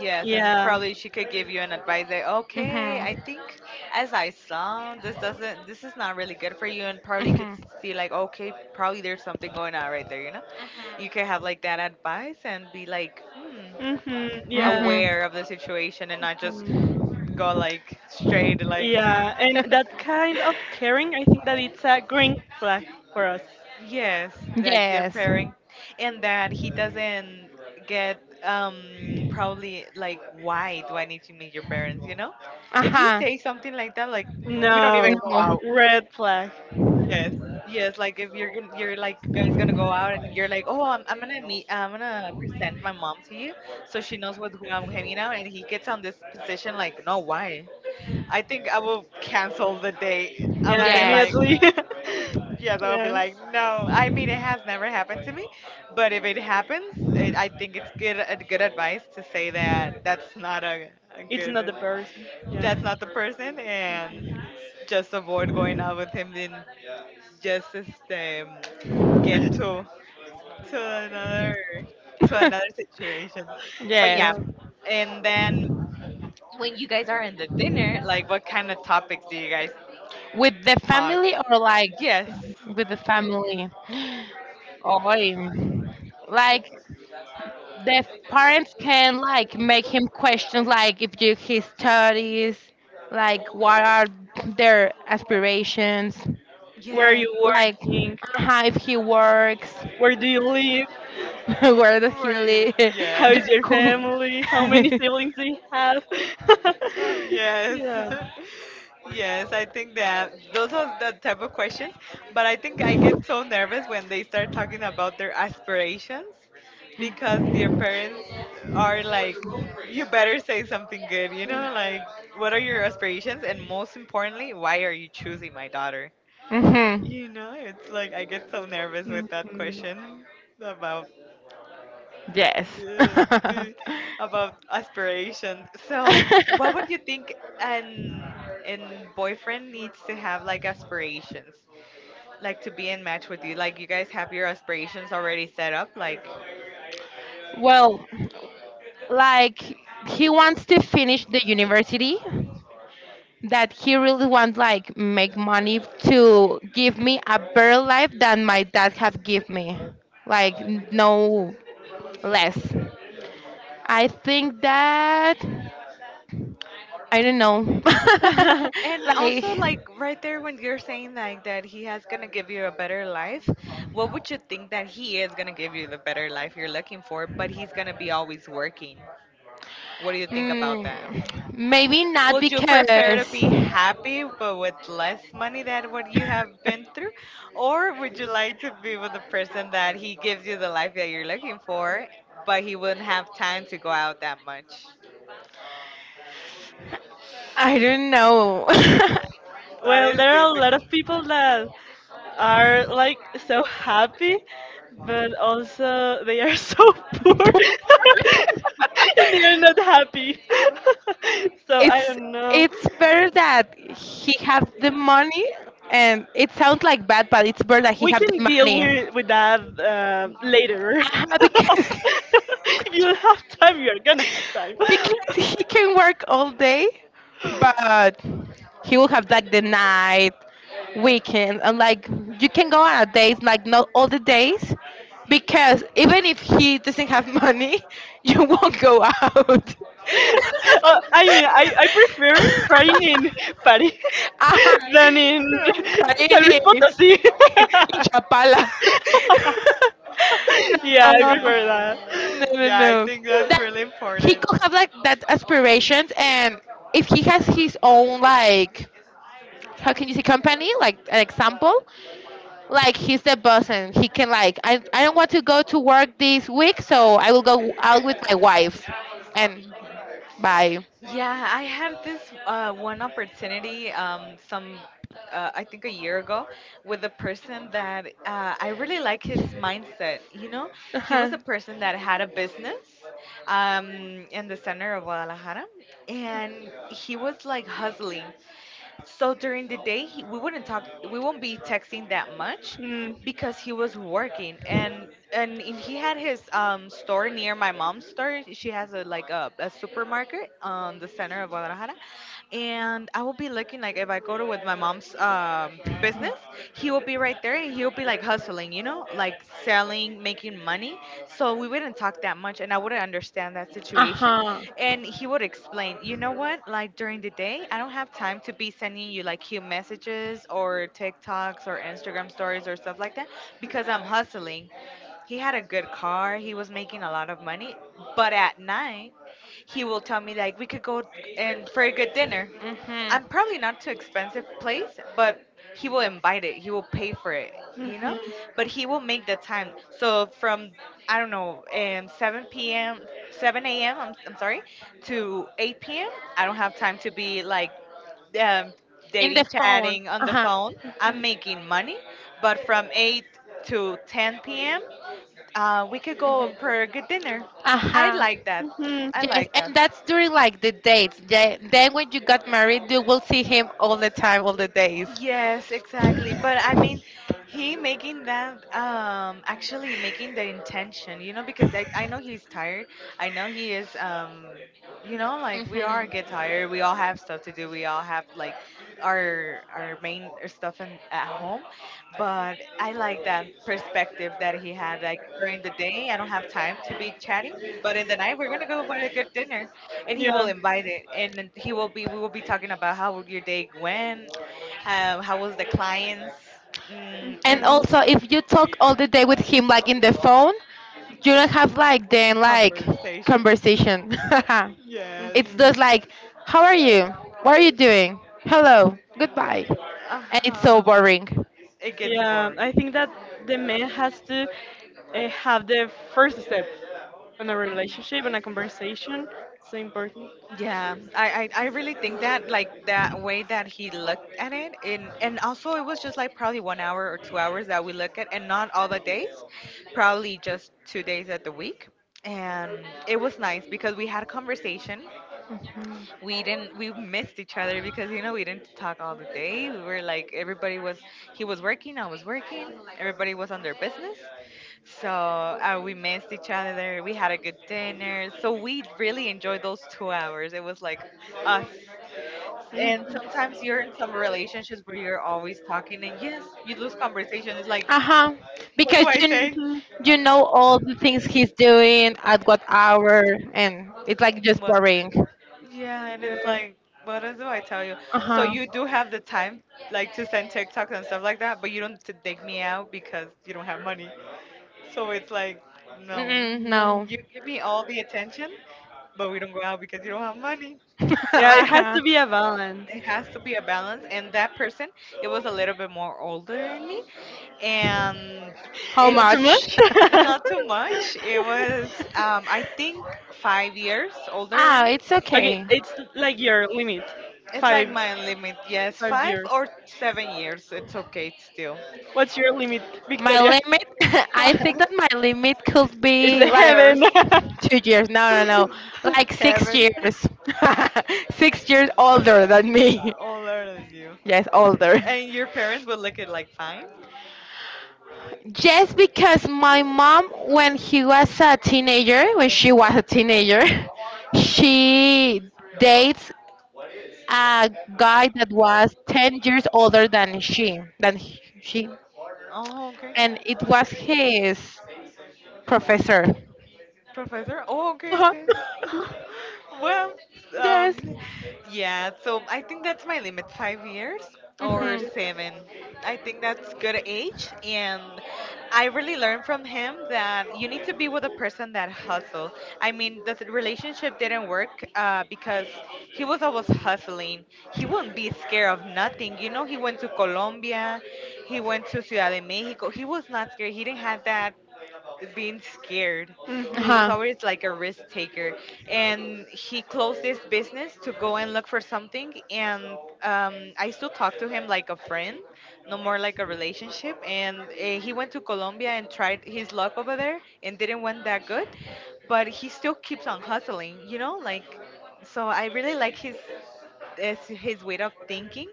S3: Yes, and
S1: Yeah.
S3: probably she could give you an advice that, okay, I
S2: Mhm.
S3: think as I saw, this doesn't, this is not really good for you. And probably you could
S2: Mhm.
S3: see, like, okay, probably there's something going on right there, you know? You could have like that advice and be like, hmm,
S1: Mhm. Yeah.
S2: Mhm.
S3: aware of the situation and not just
S1: Mm.
S3: go like straight, like,
S1: Yeah, and that kind of caring, I think that it's a green flag for us.
S3: yes, that your
S2: Yes.
S3: parent. And that he doesn't get um probably like, why do I need to meet your parents, you know?
S2: Uh
S3: If he
S2: huh.
S3: says something like that, like we don't even
S1: No,
S3: go
S2: No.
S3: out.
S1: red flag.
S3: Yes. Yes, like if you're gonna, you're like guys gonna go out and you're like, oh, I'm, I'm gonna meet, I'm gonna present my mom to you, so she knows with who I'm hanging out, and he gets on this position like, no, why? I think I will cancel the date. I would
S1: Yeah,
S3: say
S2: Yes.
S3: like,
S1: immediately.
S3: yes, I would be
S1: Yeah,
S3: like,
S1: yeah,
S3: no. I mean, it has never happened to me, but if it happens, it, I think it's good a good advice to say that that's not a, a
S1: it's not
S3: good,
S1: the person. Yeah.
S3: that's not the person, and just avoid going out with him and just um, get to to another to another situation. But
S2: Yes.
S1: Yeah.
S3: yeah, and then when you guys are in the dinner, like, what kind of topics do you guys
S2: With the
S3: talk?
S2: family or like
S3: Yes.
S2: with the family? Oh, like the parents can like make him question, like if do his studies, like what are their aspirations,
S1: Where are
S3: Yeah.
S1: you
S2: like
S1: working?
S2: how if he works,
S1: Where do you live?
S2: where does he
S3: Really?
S2: live?
S1: How is
S3: Yes.
S1: your family? How many siblings do you have?
S3: Yes.
S1: yeah.
S3: Yes, I think that those are the type of questions. But I think I get so nervous when they start talking about their aspirations because their parents are like, you better say something good, you know? Like, what are your aspirations? And most importantly, why are you choosing my daughter?
S2: Mm-hmm.
S3: You know, it's like I get so nervous
S1: Mhm.
S3: with that question about
S2: Yes.
S3: the- the- about aspiration. So, what would you think an an boyfriend needs to have like aspirations, like to be in match with you? Like you guys have your aspirations already set up, like.
S2: Well, like he wants to finish the university, that he really wants like make money to give me a better life than my dad have give me, like n-
S3: Mhm.
S2: no less. I think that, I don't know.
S1: Question.
S3: And
S2: Like,
S3: also, like right there, when you're saying like that he has gonna give you a better life, what would you think that he is gonna give you the better life you're looking for? But he's gonna be always working. What do you think about that?
S2: mm, maybe not
S3: Would you prefer to
S2: because
S3: be happy but with less money than what you have been through, or would you like to be with a person that he gives you the life that you're looking for, but he wouldn't have time to go out that much?
S2: I don't know.
S3: That
S1: well,
S3: is
S1: there are a lot of
S3: difficult.
S1: people that are like so happy, but also they are so poor and they are not happy. so I
S2: it's
S1: don't know.
S2: it's better that he have the money, and it sounds like bad, but it's better that he
S1: We
S2: have
S1: can
S2: the
S1: deal
S2: money.
S1: with with that uh, later.
S2: Uh-huh, because
S1: if you have time, you're gonna have time.
S2: he can, he can work all day, but he will have like the night, weekend, and like you can go on a days, like not all the days, because even if he doesn't have money, you won't go out.
S1: uh, I mean, I, I prefer crying in Paris
S2: Ajá,
S1: than in San Luis
S2: Talleres,
S1: Potosí.
S2: en Chapala.
S1: yeah, I
S2: No.
S1: prefer
S2: No,
S1: that.
S3: Yeah.
S2: no,
S3: Yeah, I
S2: no.
S3: think that's
S2: That
S3: really
S2: he
S3: important.
S2: could have like that aspirations, and if he has his own like, how can you say company? Like an example, like he's the boss, and he can like, I I don't want to go to work this week, so I will go out with my wife, and bye.
S3: Yeah, I had this uh, one opportunity um, some, uh, I think a year ago, with a person that uh, I really like his mindset. You know,
S2: Uh
S3: he was
S2: huh.
S3: a person that had a business um, in the center of Guadalajara, and he was like hustling. So during the day, he, we wouldn't talk, we won't be texting that much
S1: Mm-hmm.
S3: because he was working and and, and he had his um, store near my mom's store. She has a like a, a supermarket on the center of Guadalajara, and I will be looking like if I go to with my mom's um, business, he will be right there and he'll be like hustling, you know, like selling, making money. So we wouldn't talk that much, and I wouldn't understand that
S2: Uh
S3: situation.
S2: huh.
S3: And he would explain, you know what? Like during the day, I don't have time to be sending you like cute messages or TikToks or Instagram stories or stuff like that because I'm hustling. He had a good car, he was making a lot of money, but at night, he will tell me like we could go and for a good dinner.
S2: Mhm.
S3: I'm probably not too expensive place, but he will invite it. He will pay for it, you know?
S1: hmm
S3: But he will make the time. So from I don't know, um, seven p m, seven a m. I'm, I'm sorry, to eight p m. I don't have time to be like um,
S2: In the
S3: dating,
S2: phone.
S3: chatting on
S2: Uh
S3: the
S2: huh.
S3: phone. I'm making money, but from eight to ten p m. Uh, we could go
S2: Mhm.
S3: for a good dinner.
S2: Uh
S3: I
S2: huh.
S3: like that. I
S2: Yes,
S3: like that.
S2: and that's during like the dates. Then then when you got married, you will see him all the time, all the days.
S3: Yes, exactly. But I mean, he making that um actually making the intention, you know, because I I know he's tired. I know he is um you know, like we all
S2: Hmm.
S3: get tired. We all have stuff to do. We all have like our our main stuff in, at home. But I like that perspective that he had like during the day, I don't have time to be chatting, but in the night we're going to go for a good dinner and he will invite it and then he will be we will be talking about how your day went, um, how was the clients? Mm,
S2: And
S3: and
S2: also, if you talk all the day with him, like in the phone, you don't have like then like
S3: conversation.
S2: conversation.
S1: Yeah.
S3: Yes.
S2: It's
S1: hmm
S2: just
S1: hmm
S2: like, how are you? What are you doing? Hello. Goodbye.
S3: Uh
S2: And it's so
S3: huh.
S2: boring.
S3: It gets
S1: Yeah,
S3: boring.
S1: I think that the man has to uh, have the first step in a relationship, in a conversation. So important.
S3: Yeah, I, I, I really think that like that way that he looked at it, and and also it was just like probably one hour or two hours that we look at and not all the days, probably just two days at the week. And it was nice because we had conversation.
S2: Hmm.
S3: We didn't We missed each other because you know we didn't talk all the day. We were like everybody was — he was working, I was working, everybody was on their business. So uh, we missed each other. We had a good dinner, so we really enjoyed those two hours. It was like us. And sometimes
S1: Mm.
S3: you're in some relationships where you're always talking, and yes, you lose conversation. It's like,
S2: Uh huh.
S3: what do
S2: Because
S3: I
S2: you
S3: say?
S1: Mhm.
S2: you know all the things he's doing at what hour, and it's like just
S3: What?
S2: boring.
S3: Yeah, and
S1: Yeah.
S3: it's like, what else do I tell you?
S2: Uh
S3: So
S2: huh.
S3: you do have the time, like, to send TikToks and stuff like that, but you don't to take me out because you don't have money. So it's like, no,
S2: Mm,
S1: No.
S2: no.
S3: you give me all the attention, but we don't go out because you don't have money.
S1: Yeah,
S3: So
S1: it
S2: uh
S1: has
S2: huh.
S1: to be a balance.
S3: it has to be a balance. And that person, it was a little bit more older than me, and
S2: How
S3: and
S1: Not too
S3: he,
S2: much?
S1: much.
S3: not too much. It was, um, I think, five years older than
S2: Ah,
S3: me.
S2: it's
S1: Okay,
S2: okay.
S1: it's like your limit,
S3: It's like
S1: five
S3: my limit, yes.
S1: five
S3: Five
S1: years.
S3: or seven years, it's okay still.
S1: What's your limit,
S2: My
S1: Victoria?
S2: limit, I think that my limit could
S1: it's
S3: Two
S1: a
S2: be like
S3: years,
S1: heaven.
S2: two years. No, no, no. Like six
S3: heaven,
S2: years. Six years older than me.
S3: older than you.
S2: Yes, older.
S3: And your parents will look at like fine?
S2: Just because my mom, when he was a teenager, when she was a teenager, she dates a guy that was ten years older than she, than he- she,
S3: Oh, okay.
S2: and it was his professor.
S3: Professor? Oh, okay,
S2: Uh-huh.
S3: okay. Well, um,
S2: Yes.
S3: yeah, so I think that's my limit, five years or
S2: Mhm.
S3: seven. I think that's good age. And I really learned from him that you need to be with a person that hustle. I mean, the th- relationship didn't work uh, because he was always hustling. He wouldn't be scared of nothing. You know, he went to Colombia, he went to Ciudad de Mexico. He was not scared. He didn't have that being scared.
S1: hmm hmm
S3: He was
S2: Uh-huh.
S3: always like a risk taker. And he closed this business to go and look for something. And um, I still talk to him like a friend, no more like a relationship. And uh, he went to Colombia and tried his luck over there and didn't went that good. But he still keeps on hustling, you know? Like, so I really like his, his his way of thinking.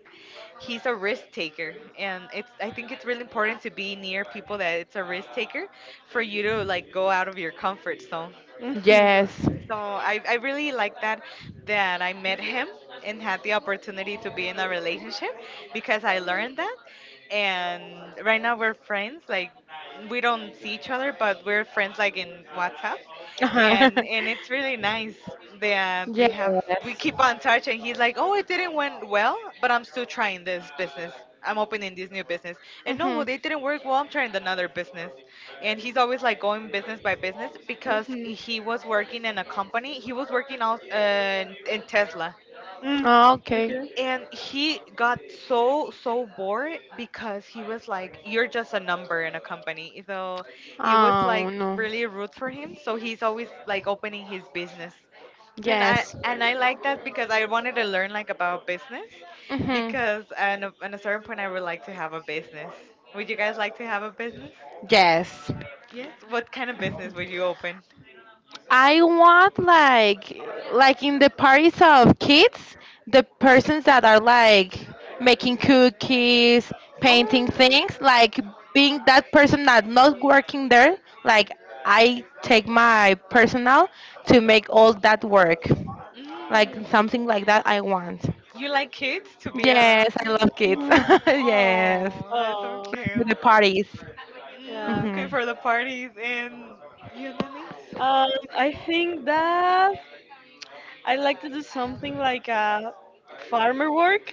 S3: He's a risk taker, and it's, I think it's really important to be near people that it's a risk taker, for you to like go out of your comfort zone.
S1: hmm
S2: Yes.
S3: So i, I really like that that I met him and had the opportunity to be in a relationship, because I learned that. And right now we're friends, like, we don't see each other, but we're friends like in WhatsApp.
S2: Uh-huh.
S3: and and it's really nice that we have, we
S2: Yes.
S3: keep on touch. And he's like, oh, it didn't went well, but I'm still trying this business. I'm opening this new business. And no, well,
S2: Mhm.
S3: they didn't work. Well, I'm trying another business. And he's always like going business by business because he was working in a company. He was working out uh, in in Tesla.
S1: Mm,
S2: Ah, okay.
S1: okay.
S3: And he got so, so bored because he was like, you're just a number in a company. So it was
S2: Oh,
S3: like
S2: no.
S3: really rude for him. So he's always like opening his business, and I
S2: Yes.
S3: and I like that because I wanted to learn like about business,
S2: Mhm.
S3: because at a, at a certain point I would like to have a business. Would you guys like to have a business?
S2: Yes.
S3: Yes. What kind of business would you open?
S2: I want like like in the parties of kids, the persons that are like making cookies, painting
S3: Oh.
S2: things, like being that person that not working there, like I take my personal to make all that work. Like
S3: Mm.
S2: something like that I want.
S3: You like kids to be around
S2: Yes, I
S3: you?
S2: love kids.
S1: Mm.
S2: Yes.
S3: Oh, that's so
S1: Oh,
S2: Like to
S3: cute.
S2: the parties.
S3: Mm,
S1: yeah.
S3: okay,
S2: Mhm.
S3: for the parties. And you, Denise?
S1: Um, I think that I like to do something like a farmer work,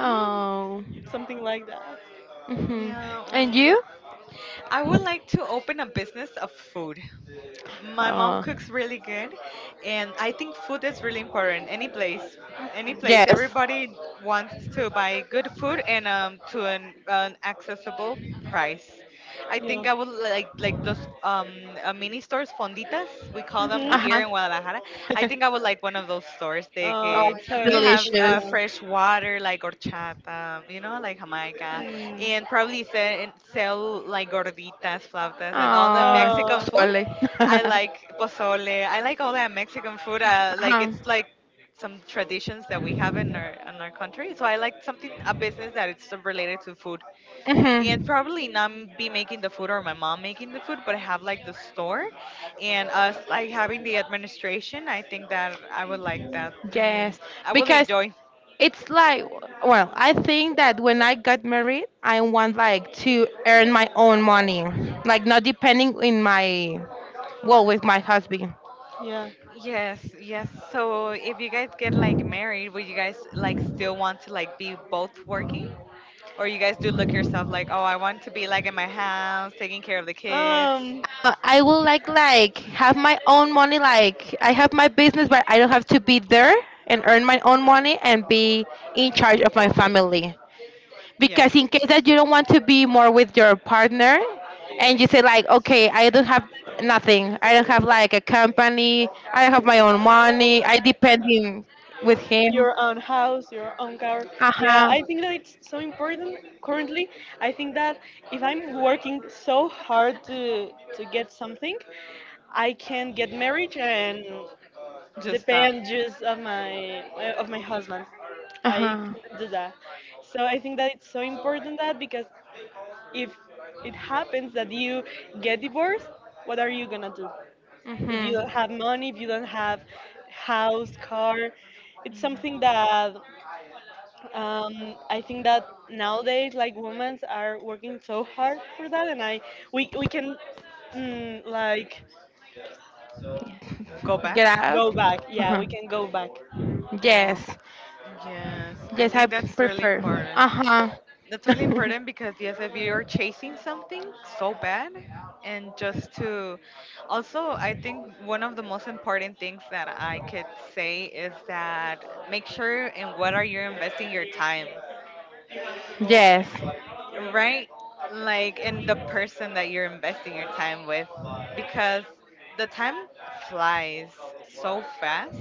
S3: Mm,
S1: something like that.
S2: Mhm.
S3: yeah,
S2: And
S3: um,
S2: you?
S3: I would like to open a business of food. My mom
S2: Oh.
S3: cooks really good, and I think food is really important. Any place, any place,
S2: Yes.
S3: everybody wants to buy good food, and um, to an, an accessible price. I
S1: Yeah.
S3: think I would like like those um uh, mini stores, fonditas we call them
S1: Mhm.
S3: here
S2: Uh-huh.
S3: in Guadalajara. I think I would like one of those stores. They
S1: Uh,
S2: Oh,
S3: que
S1: it's
S2: that's
S3: you
S1: a, it's
S3: have uh,
S1: a
S2: delicious.
S3: fresh water like horchata, you know, like Jamaica,
S1: mm,
S3: and probably sell, sell like gorditas, flautas, and all the
S2: Oh,
S3: Mexican
S1: uh,
S3: food.
S2: pozole.
S3: I like pozole. I like all that Mexican food. Uh, like,
S2: Uh-huh.
S3: it's like some traditions that we have in our in our country. So I like something, a business that it's related to food, and
S2: Hmm.
S3: probably not m- be making the food, or my mom making the food, but have like the store and us like having the administration. I think that I would like that. Mm,
S2: Yes,
S3: I would
S2: because
S3: enjoy.
S2: it's like, well, I think that when I got married, I want like to earn my own money, like not depending in my, well, with my husband.
S1: yeah.
S3: Yes, yes, so if you guys get like married, would you guys like still want to like be both working? Or you guys do look yourself like, oh, I want to be like in my house, taking care of the kids?
S2: Uh, I will like like have my own money. Like I
S1: Um,
S2: have my business, but I don't have to be there and earn my own money and be in charge of my family.
S3: Yes.
S2: Because in case that you don't want to be more with your partner and you say like okay, I don't have nothing, I don't have like a company, I don't have my own money, I depend in, with him.
S1: your own house, your own car. Yeah,
S2: Uh-huh.
S1: I think that it's so important currently. I think that if I'm working so hard to to get something, I can get married and
S3: Just stop.
S1: depend just of my of my husband. I
S2: Uh-huh.
S1: couldn't do that. So I think that it's so important that because if it happens that you get divorced, what are you gonna do? If you
S2: Mm-hmm.
S1: don't have money, if you don't have house, car, it's
S3: Mhm.
S1: something that um, I think that nowadays, like, women are working so hard for that, and I we we can mm, like
S3: Go back.
S2: Get out.
S1: go back. Yeah,
S2: Uh-huh.
S1: we can go back.
S3: Oh,
S2: Yes,
S3: yes. I
S2: yes, I
S3: think that's really
S2: prefer.
S3: important.
S2: Uh-huh.
S3: That's really important because, yes, if you're chasing something so bad, and just to also, I think one of the most important things that I could say is that make sure in what are you investing your time,
S2: Yes.
S3: right? Like in the person that you're investing your time with, because the time flies so fast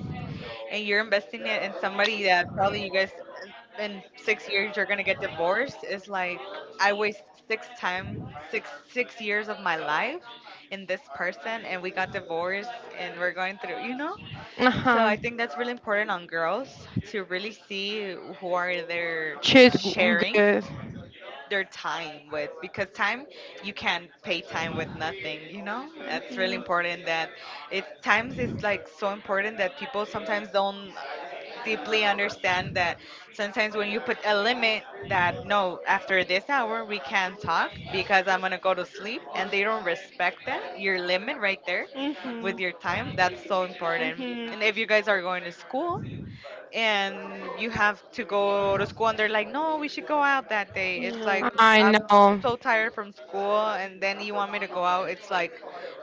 S3: and you're investing it in somebody that probably you guys in six years you're gonna get divorced. It's like, I waste six time six six years of my life in this person, and we got divorced, and we're going through, you know? So
S2: Uh-huh.
S3: I think that's really important on girls to really see who are they are
S2: Choose g-
S3: sharing
S2: good.
S3: their time with, because time, you can't pay time with nothing, you know? That's really important. That it times is like so important that people sometimes don't deeply understand that. Sometimes when you put a limit that, no, after this hour we can't talk because I'm going to go to sleep, and they don't respect that, your limit right there
S1: Mhm.
S3: with
S1: Mhm.
S3: your time. That's so
S1: Mhm.
S3: important.
S1: No.
S3: And if you
S1: Yeah.
S3: guys are going to school and you have to go to school, and they're like, no, we should go out that day, it's like,
S2: I
S3: I'm
S2: know.
S3: so tired from school and then you want me to go out, it's like,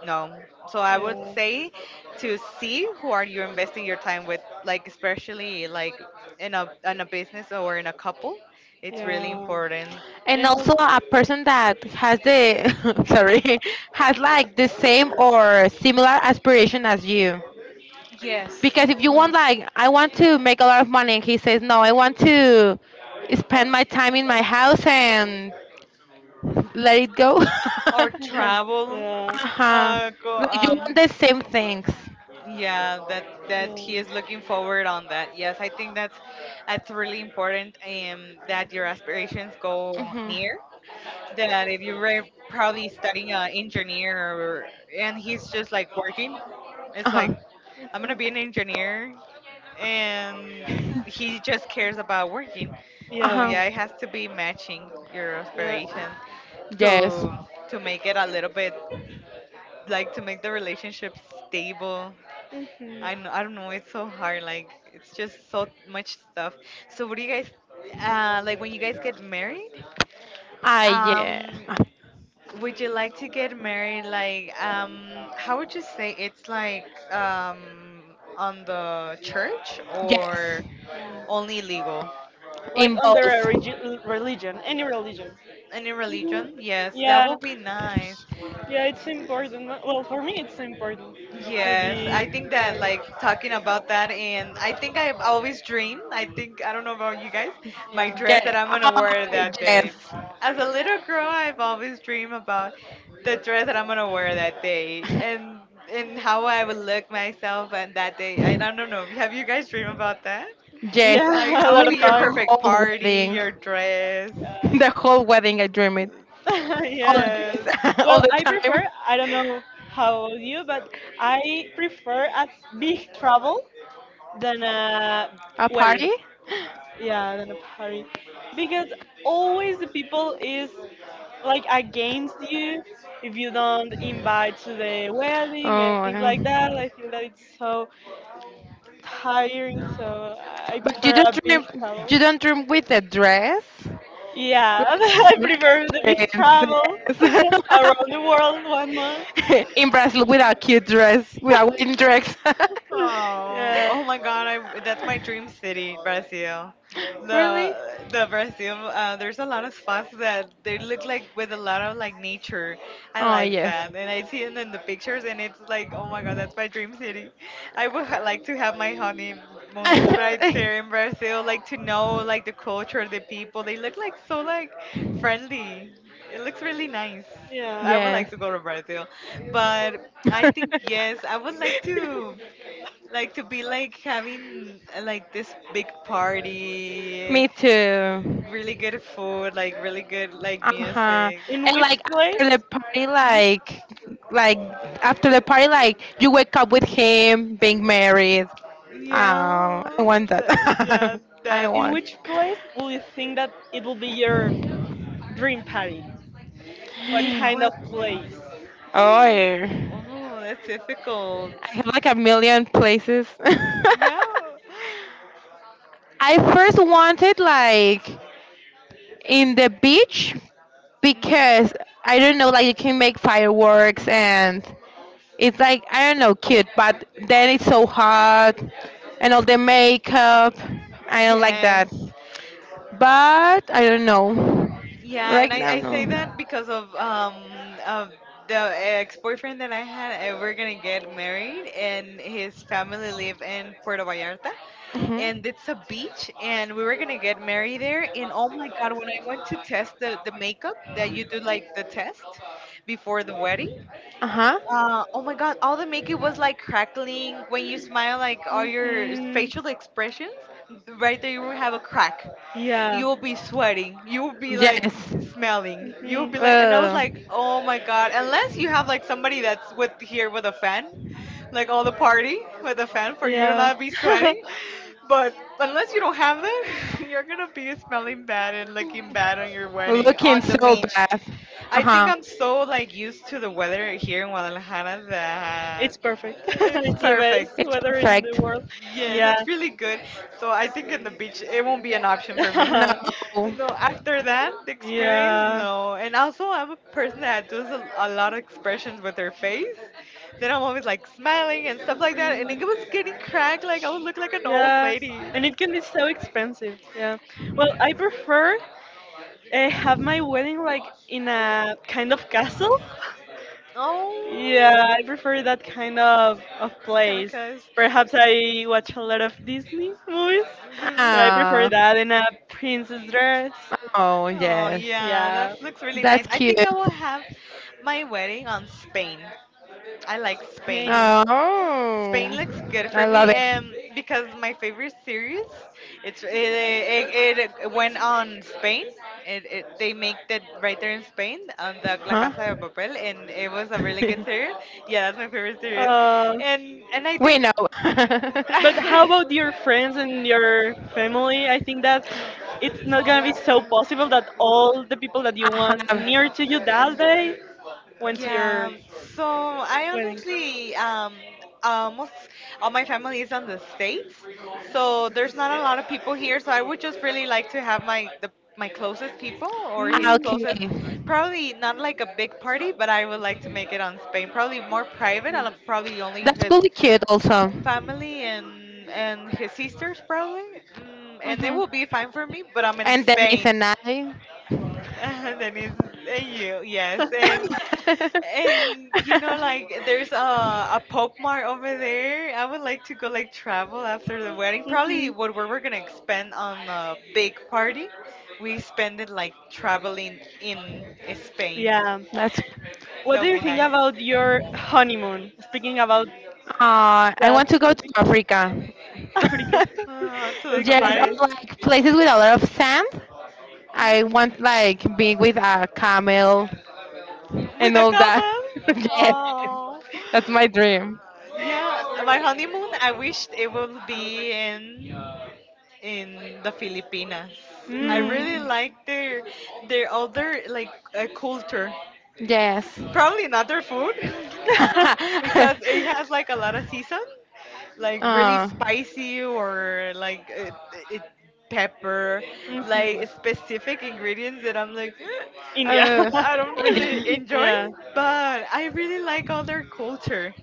S3: no. So I would say to see who are you investing your time with, like especially like in a in a business or in a couple. It's really
S1: Yeah.
S3: important.
S2: And
S1: And
S2: also a person that has the sorry, has like the same or similar aspiration as you,
S3: Yes.
S2: because if you want like I want to make a lot of money and he says no, I want to spend my time in my house and let it go. Uh-huh.
S3: Or
S1: al-
S3: travel.
S1: mhm. yeah.
S3: Uh go
S2: Like you want
S3: um
S2: the same things.
S1: Yeah, that's that's Yeah, yes, that's the thing. Yes, I think that's I think
S3: yeah, that that he is looking forward on that. Yes, I think that's that's really important. Um that your aspirations
S1: I
S3: go
S2: Mm-hmm.
S3: near, that if you're very probably studying an engineer, or, and he's just like working, it's like,
S2: Uh-huh.
S3: I'm gonna be an engineer, and he just cares about working. So
S2: Uh-huh.
S1: Yeah.
S3: yeah, it has to be matching your
S1: Yeah, very much.
S3: aspirations
S2: Yes.
S3: to to make it a little bit, like, to make the relationship stable. I know, I
S1: Hmm
S3: don't know. It's so hard. Like, it's just so much stuff. So what do you guys, uh, like when you guys get married?
S2: I yes
S3: Um,
S2: Ah,
S3: would you like to get married? Like, um, how would you say it's like um on the church
S2: yes.
S3: or only legal?
S1: Like
S2: In
S1: under
S2: both.
S1: a regi- religion, any religion.
S3: Any
S1: Mhm.
S3: religion? Yes, that
S1: Yeah,
S3: would be nice.
S1: yeah, it's important. Well, for me, it's important to
S3: Yes,
S1: be.
S3: I think that like talking about that, and I think I've always dreamed. I think I don't know about you guys, my dress
S2: Get
S3: that
S2: it.
S3: I'm gonna wear
S2: Oh,
S3: that day.
S2: yes.
S3: As a little girl, I've always dreamed about the dress that I'm gonna wear that day, and and how I would look myself on that day. I don't know. Have you guys dreamed about that?
S1: My Yeah,
S2: Yes. I
S1: dress is a word that like Yeah,
S3: Like,
S1: might a
S3: how
S2: dream
S3: would
S1: lot
S2: it
S3: be
S1: of
S3: your
S2: the
S1: times.
S3: perfect
S2: whole
S3: party,
S2: wedding.
S3: your dress?
S2: The whole wedding, I dream it.
S1: Dress.
S2: All
S1: yeah.
S2: the
S3: Yes.
S2: days, all
S1: Well,
S2: the
S1: I
S2: time.
S1: prefer, I don't know how you, but I prefer a big travel than a
S2: A
S1: wedding.
S2: party?
S1: Yeah, than a party. Because always the people is like against you if you don't invite to the wedding and
S2: Oh,
S1: things like that.
S2: um,
S1: I think that it's so tiring, so I
S2: but you
S1: prefer
S2: don't
S1: a big
S2: dream.
S1: travel.
S2: You don't dream with a dress.
S1: Yeah, I
S2: Like
S1: prefer the
S2: a
S1: big travel
S2: Princess.
S1: around the world one month.
S2: In Brazil, without cute dress, without wedding dress.
S3: Oh,
S1: Yeah.
S3: oh my God! I that's my dream city, Brazil.
S2: Really?
S3: The the Brazil. Uh, there's a lot of spots that they look like with a lot of like nature. I
S2: Oh
S3: like
S2: yes.
S3: that, and I see it in the pictures, and it's like, oh my God, that's my dream city. I would ha- like to have my honeymoon right
S1: Yeah.
S3: there in Brazil, like to know like the culture, the people. They look like so like friendly. It looks really nice. I
S1: Yeah.
S3: would like
S2: Yes.
S3: to go to Brazil, but I think yes, I would like to like to be like having uh, like this big party,
S2: Me too.
S3: really good food, like really good like
S2: Uh-huh.
S3: music.
S1: In
S2: And
S1: which
S3: uh,
S2: like
S1: place?
S2: after the party,
S1: Mhm.
S2: like like after the party, like you wake up with him being married. Um, I
S3: Yeah,
S2: want that.
S3: that, yeah,
S2: I
S3: that's
S1: In
S2: want.
S1: which place will you think that it will be your dream party? What
S3: in
S1: kind of
S3: what place?
S1: place?
S2: Oh, I
S3: Oh, that's difficult.
S2: have like a million places.
S3: Yeah.
S2: I first wanted like in the beach
S3: Mhm.
S2: because I don't know, like you can make fireworks and it's like I don't know, cute, but then it's so hot and all the makeup. I don't like that.
S3: Yes,
S2: But I don't know.
S3: yeah, and
S2: Right
S3: I,
S2: now,
S3: I say
S2: no.
S3: that because of um of the ex-boyfriend that I had. Uh, we're gonna get married, and his family live in Puerto Vallarta,
S2: Mm-hmm.
S3: and it's a beach, and we were gonna get married there. And oh my God, when I went to test the the makeup that you do like the test before the wedding,
S2: Uh huh.
S3: uh, oh my god, all the makeup was like crackling when you smile, like all your
S1: Mhm.
S3: facial expressions, right there you will have a crack.
S1: Yeah.
S3: You will be sweating, you will be like
S2: Yes.
S3: smelling, you will
S1: Mhm.
S3: be like, and I was
S2: Uh,
S3: like, oh my god, unless you have like somebody that's with here with a fan, like all the party with a fan for you to
S1: Yeah.
S3: not be sweating, but unless you don't have them, you're gonna be smelling bad and looking bad on your wedding
S2: looking
S3: on the
S2: so
S1: No.
S3: beach.
S2: bad. Uh
S3: I think
S2: huh.
S3: I'm so like used to the weather here in Guadalajara that
S1: It's
S3: uh,
S1: perfect.
S3: it's
S1: It's the
S3: perfect.
S1: best
S2: It's
S1: weather in the
S2: perfect.
S1: world.
S3: Yes,
S1: Yeah,
S3: it's really
S1: Yeah.
S3: good. So I think in the beach it won't be an option for me.
S2: No.
S3: No, after that, the experience,
S1: Yeah.
S3: no. And also, I'm a person that does a, a lot of expressions with her face. Then I'm always
S1: I
S3: like smiling and stuff like that. And it was getting cracked, like I would look like an old
S1: Yeah,
S3: lady.
S1: and it can be so expensive. Yeah. Well, I prefer uh, have my wedding like in a kind of castle. Yeah, I
S3: Oh,
S1: prefer that kind of of
S3: kind of
S1: place.
S3: cuss.
S1: Perhaps I watch a lot of Disney movies, but I prefer
S2: Ah.
S1: that in a princess dress.
S2: Oh
S3: Oh,
S2: yes.
S3: yeah,
S1: Yeah.
S3: that looks really nice.
S2: That's
S3: I
S2: cute.
S3: think I will have my wedding on Spain. I like
S1: Hey.
S3: Spain. Spain
S2: Oh,
S3: looks good
S2: I
S3: for
S2: love
S3: me,
S2: it.
S3: um, because my favorite series, it's it, it, it went on Spain. It, it They make it right there in Spain on the La
S2: Huh?
S3: Casa de Papel, and it was a really good series. Yeah, that's my favorite series,
S1: Uh,
S3: and and I
S2: We
S3: think.
S2: know. I
S1: But how about your friends and your family? I think that it's not gonna be so possible that all the people that you want
S2: have.
S1: near to you that day went to your
S3: Yeah, so I
S1: wedding.
S3: honestly, um, almost all my family is on the States, so there's not a lot of people here. So I would just really like to have my the my closest people or his
S1: Mm.
S3: closest,
S2: Okay.
S3: probably not like a big party, but I would like to make it on Spain. Probably more private, and probably only
S2: That's
S3: his
S2: really cute, also.
S3: family and and his sisters probably, mm, and it
S2: Hmm.
S3: will be fine for me. But I'm in
S2: And Denise
S3: Spain.
S2: and I.
S3: And then it's and you, yes. and
S1: Mhm.
S3: and you know like there's a a pop mart over there. I would like to go like travel after the wedding. Probably what we we're gonna spend on a big party, we spend it like traveling in Spain.
S1: Yeah.
S2: That's.
S3: That
S1: What do
S3: would
S1: you
S3: be
S1: think
S3: nice.
S1: about your honeymoon? Speaking about
S2: Uh, I
S1: that.
S2: want to go to Africa.
S1: Africa.
S3: Uh, to the
S2: Yes,
S1: Okay.
S3: safaris
S2: or like places with a lot of sand. I want like being with a camel
S3: with
S2: and
S3: the
S2: all that.
S3: camel.
S2: Yes,
S3: Oh,
S2: that's my dream.
S3: yeah, my honeymoon, I wished it would be in in the Filipinas. I
S1: Mm.
S3: really
S2: No.
S3: like their their other like uh, culture.
S2: Yes.
S3: Probably not their food because it has like a lot of season, like really
S2: Oh,
S3: spicy or like it, it, pepper, like
S1: Mhm.
S3: specific ingredients that I'm like, "Eh, I
S1: India.
S2: uh,
S3: I don't
S2: India.
S3: really enjoy,"
S1: yeah.
S3: but I really like other culture.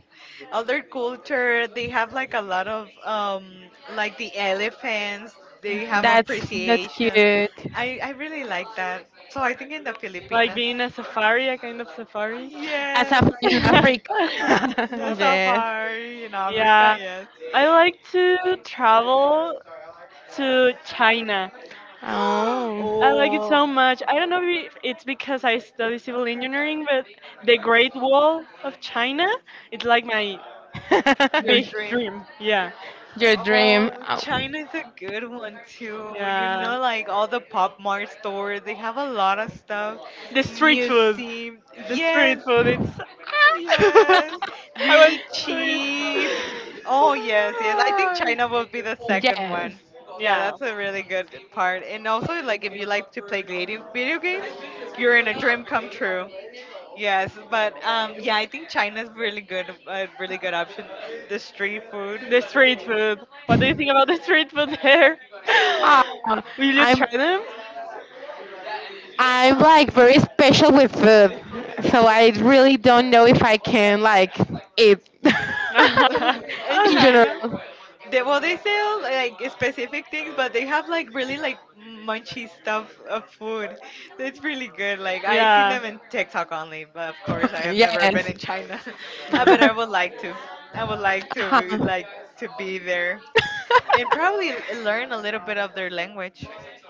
S3: Other culture, they have like a lot of um like the elephants. They have
S1: Mhm.
S2: That's that's
S3: appreciation.
S2: cute.
S3: I i really like that. So I think in the
S1: Like
S3: Filipinas,
S1: being a safari, a kind of safari.
S2: As a
S3: yes,
S2: in Africa.
S3: the
S2: Yes.
S3: safari in Africa,
S1: yeah.
S3: yes.
S1: I like to travel to China.
S2: Oh.
S1: I like it
S3: Oh,
S1: so much. I don't know if it's because I study civil engineering, but the Great Wall of China, it's like my
S3: your
S1: big
S3: dream.
S1: dream. Yeah.
S2: Your dream.
S3: Oh,
S2: Oh.
S3: China is a good one too. You
S1: Yeah.
S3: know, like all the pop mart stores, they have a lot of stuff,
S1: The street food.
S3: museum,
S1: The street
S3: yes.
S1: food, it's.
S3: Yes,
S1: I want
S3: really
S1: to
S3: cheap.
S1: eat.
S3: Oh, yes, yes. I think
S2: Ah,
S3: China will be the second one.
S2: yes.
S3: Yeah,
S1: Yeah.
S3: that's a really good part. And also, like, if you like to play video video games, you're in a dream come true. Yes, but um, yeah, I think China's really good, a really good option. The street food.
S1: The street food. What do you think about the street food there?
S2: Ah,
S1: Will you
S2: I'm
S1: try them?
S2: I'm like very special with food, so I really don't know if I can like eat
S3: In
S2: in
S3: China,
S2: general.
S3: they, well, they sell like specific things, but they have like really like munchy stuff of food. It's really good. Like
S1: yeah.
S3: I seen
S1: Yeah.
S3: them in TikTok only, but of course I have never been
S2: Yes.
S3: in China. Uh, but I would like to. I would like to be,
S2: Uh-huh.
S3: like to be there and probably l- learn a little bit of their language.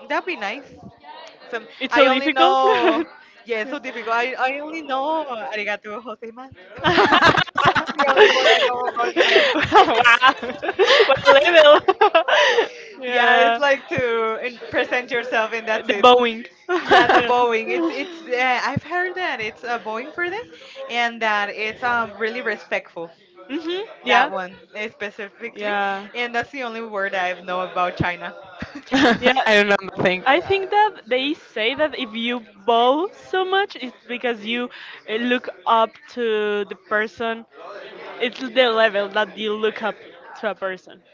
S3: That'd be nice. Some
S1: It's
S3: I
S1: so
S3: only
S1: difficult.
S3: know. Yeah, it's so difficult. I, I only know arigato gozaimasu.
S1: wow.
S3: The only word I know about China.
S1: What a level.
S3: Yeah, it's
S1: yeah.
S3: like to in- present yourself, and that's
S1: The
S3: it.
S1: Boeing.
S3: Yeah, the bowing. It's it's. Uh, I've heard that it's a bowing for them, and that it's um really respectful.
S1: hmm
S3: That
S1: Yeah.
S3: one eh, specifically,
S1: Yeah.
S3: and that's the only word I know about China.
S2: I
S1: Yeah.
S2: don't know nothing.
S1: I think
S3: Yeah.
S1: that they say that if you bow so much, it's because you uh, look up to the person. It's the level that you look up to a person.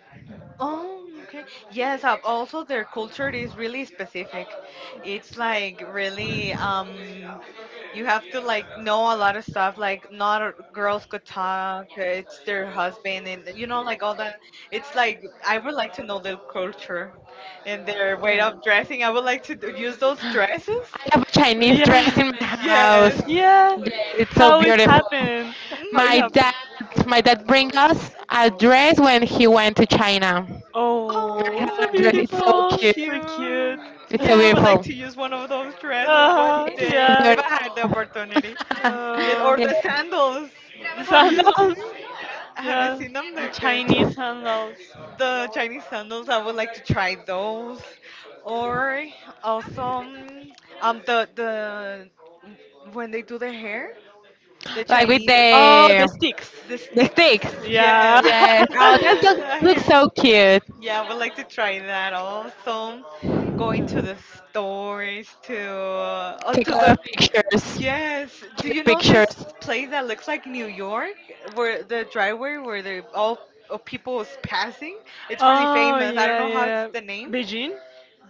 S3: Oh, okay. Yes, uh, also their culture is really specific. It's like really um you have to like know a lot of stuff, like not a- girls could talk, uh, it's their husband and you know like all that. It's like I would like to know their culture and their way of dressing. I would like to d- use those
S2: I
S3: dresses.
S2: have a Chinese
S1: Yeah.
S2: dress in my
S3: Yes.
S2: house.
S1: Yeah.
S2: Yeah, it's so
S1: How it
S2: beautiful.
S1: happened? How it
S2: My
S3: My
S1: happened?
S2: dad, my dad bring us a dress when he went to China.
S3: I
S2: I have
S1: Oh, so
S2: a
S3: Oh,
S2: dress.
S3: dress
S2: It's so
S3: so cute.
S1: beautiful.
S2: cute.
S1: So cute.
S3: cute.
S2: It's so
S3: Yeah, I would like
S2: beautiful.
S3: to use one of those dresses one
S1: Ah,
S2: It's
S3: day
S1: yeah.
S2: very
S3: if I had the opportunity. Yes, or
S1: Um,
S2: yeah.
S3: the
S1: the
S3: sandals. Have you
S1: sandals.
S3: seen? Have you
S1: Yeah.
S3: seen them?
S1: The
S3: Like uh,
S1: Chinese sandals.
S3: the Chinese sandals. I would like to try those. Or also um, um the the when they do their hair, the
S2: Like with
S3: Chinese.
S1: Oh, the
S2: the
S1: sticks.
S3: The
S2: the
S3: sticks,
S2: sticks.
S1: Yeah.
S3: yes.
S2: Yes. Oh, that look,
S3: Uh, I-
S2: looks
S3: hear-
S2: so cute.
S3: yeah, I would like to try that also. Going to the stores to uh,
S2: Take a
S3: to
S2: lot
S3: the,
S2: of
S1: Yeah.
S2: pictures.
S3: yes. Do you
S2: Cute
S3: know this
S2: pictures.
S3: place that looks like New York, where the driveway where they all of people is passing? It's really famous. I don't know how it's the name.
S1: Beijing,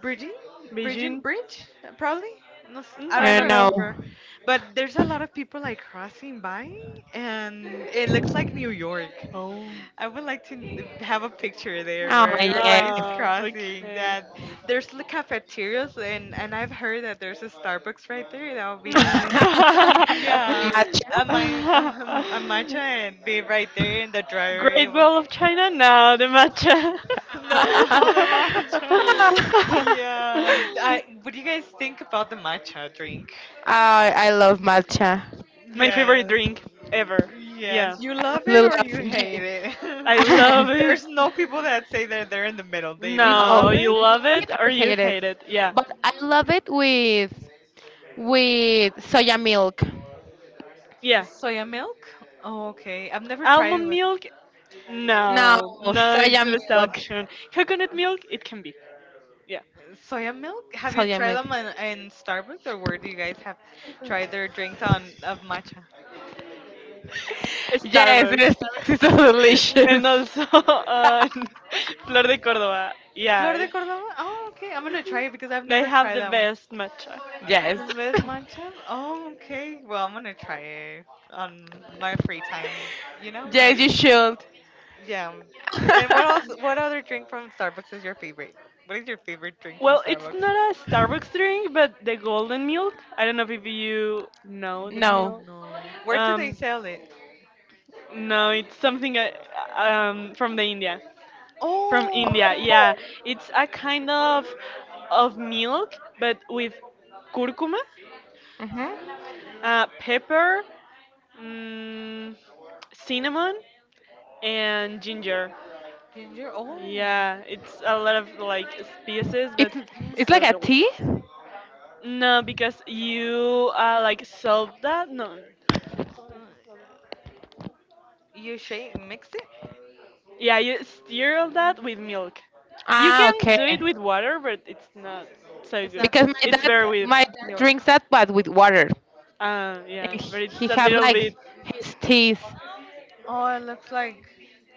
S3: Bridging, bridging bridge, uh, probably. No, s- I
S2: I
S3: don't
S2: don't know.
S3: remember, but there's a lot of people like crossing by, and it looks like New York.
S1: Oh.
S3: I would like to n- have a picture there
S2: Oh
S3: where
S2: yes.
S3: everybody's crossing.
S1: Okay,
S3: That there's the cafeterias and and I've heard that there's a Starbucks
S1: would
S3: right there. That would
S1: be
S3: be
S1: nice.
S3: nice.
S1: Hmm.
S3: Yeah, a
S1: A
S3: my
S2: Matcha.
S3: a, a matcha
S1: matcha,
S3: and be
S1: a
S3: right there in the
S1: Great
S3: driveway.
S1: Wall of China. No, the matcha.
S3: The,
S1: No, no.
S3: ma- the matcha.
S2: Oh,
S3: Yeah. I, what do you guys think about the matcha drink?
S2: I love matcha.
S1: My
S3: Yes.
S1: favorite drink ever.
S3: Yes.
S1: Yeah.
S3: You
S2: I
S3: love it
S2: love.
S3: or you hate it?
S1: I
S2: Yeah.
S1: love it.
S3: There's no people that say that they're in the middle. They
S2: No,
S1: No,
S3: love
S1: or
S2: love
S1: you
S3: it.
S1: love
S2: it
S1: it or
S2: or
S1: you
S2: hate it,
S1: hate it. Yeah.
S2: but I love it with with soya milk.
S1: Yeah.
S3: Soya milk? Oh, okay. I've never tried it
S1: Almond
S3: with
S1: milk?
S2: No,
S1: No. No, it's
S2: soya
S1: the best
S2: milk,
S1: option. Coconut milk? It can be. Yeah.
S3: soya milk. Have you
S2: soya
S3: tried
S2: milk.
S3: them in, in Starbucks, or where do you guys have tried their drinks on of matcha?
S2: Yes, it is,
S1: Starbucks.
S3: Yeah.
S2: it's so
S1: and
S2: delicious.
S1: also uh, Flor de Córdoba. Yeah.
S3: Flor de
S1: It-
S3: Cordova? Oh, okay. I'm gonna try it because I've
S1: They
S3: never
S1: have
S3: tried
S1: the
S3: that one.
S1: best matcha.
S2: Yes,
S3: The best matcha? Oh, okay. Well, I'm gonna try it on my free time. You know, like,
S2: yes, you should.
S3: yeah. And what else? What other drink from Starbucks is your favorite? What is your favorite drink from
S1: Well, it's
S3: Starbucks?
S1: not a Starbucks drink, but the golden milk. I don't know if you know that
S2: No.
S1: milk.
S3: No. Where do they
S1: Um,
S3: sell it?
S1: no, it's something uh, um, from the India. From
S3: Oh,
S1: India,
S3: okay.
S1: yeah. It's a kind of of milk, but with curcuma,
S2: Hmm.
S1: uh,
S3: Mm,
S1: pepper, mm, cinnamon, and ginger.
S3: ginger. Oh,
S1: Yeah, it's a lot of like species, but
S2: It's
S3: yeah.
S2: it's like
S1: so
S2: a tea.
S1: delicious. No, because you uh, like solve that. No,
S3: Uh, you shake, mix it.
S1: yeah, you stir all that with milk. You
S2: Ah,
S1: can
S2: okay.
S1: do it with water, but it's not so
S3: It's
S1: good.
S3: not
S2: Because
S3: the
S2: my
S3: same.
S1: It's better
S2: dad,
S1: with
S2: my dad
S1: milk.
S2: drinks that but with water,
S1: Uh, yeah,
S2: and he
S1: but
S2: he
S1: it's a
S2: have
S1: little
S2: like
S1: bit.
S2: his teeth.
S3: Oh, it looks like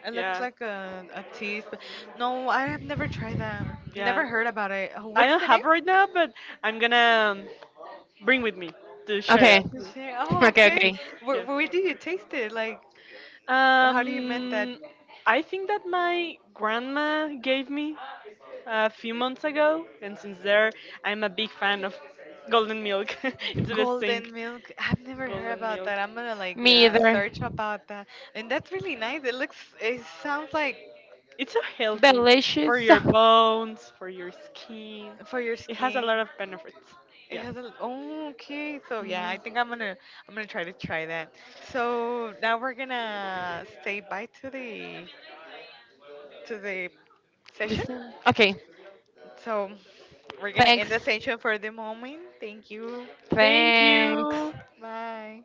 S3: it looks
S1: Yeah,
S3: like a a tea. But no, I have never tried that.
S1: yeah.
S3: Never heard about it. Oh,
S1: I
S3: what's
S1: don't
S3: the name?
S1: have right now, but I'm gonna um, bring with me to share
S2: Okay.
S1: it.
S3: Ginger- Oh,
S2: Okay,
S3: okay.
S2: okay.
S3: Where
S1: Yeah.
S3: where do you taste it? Like, how do you make that?
S1: Um, I think that my grandma gave me a few months ago, and since there, I'm a big fan of golden milk. it's the best thing.
S3: Golden milk. I've never heard
S1: Golden
S3: about
S1: milk.
S3: that. I'm gonna like
S2: Me
S3: l-
S1: Yeah.
S2: either.
S3: search about that. And that's really nice. It looks, it sounds like
S1: It's so healthy for
S2: Delicious.
S1: your bones, for your skin.
S3: for your
S1: It has a lot
S3: skin.
S1: of benefits.
S3: It
S1: Yeah.
S3: has a, oh, okay. So yeah, I
S2: Mm,
S3: think I'm gonna, I'm gonna try to try that. So now we're gonna say bye to the, to the session.
S2: listen, okay.
S3: So we're gonna
S2: Thanks,
S3: end the session for the moment. Thank you.
S1: Thank
S2: thanks.
S1: you.
S3: Bye.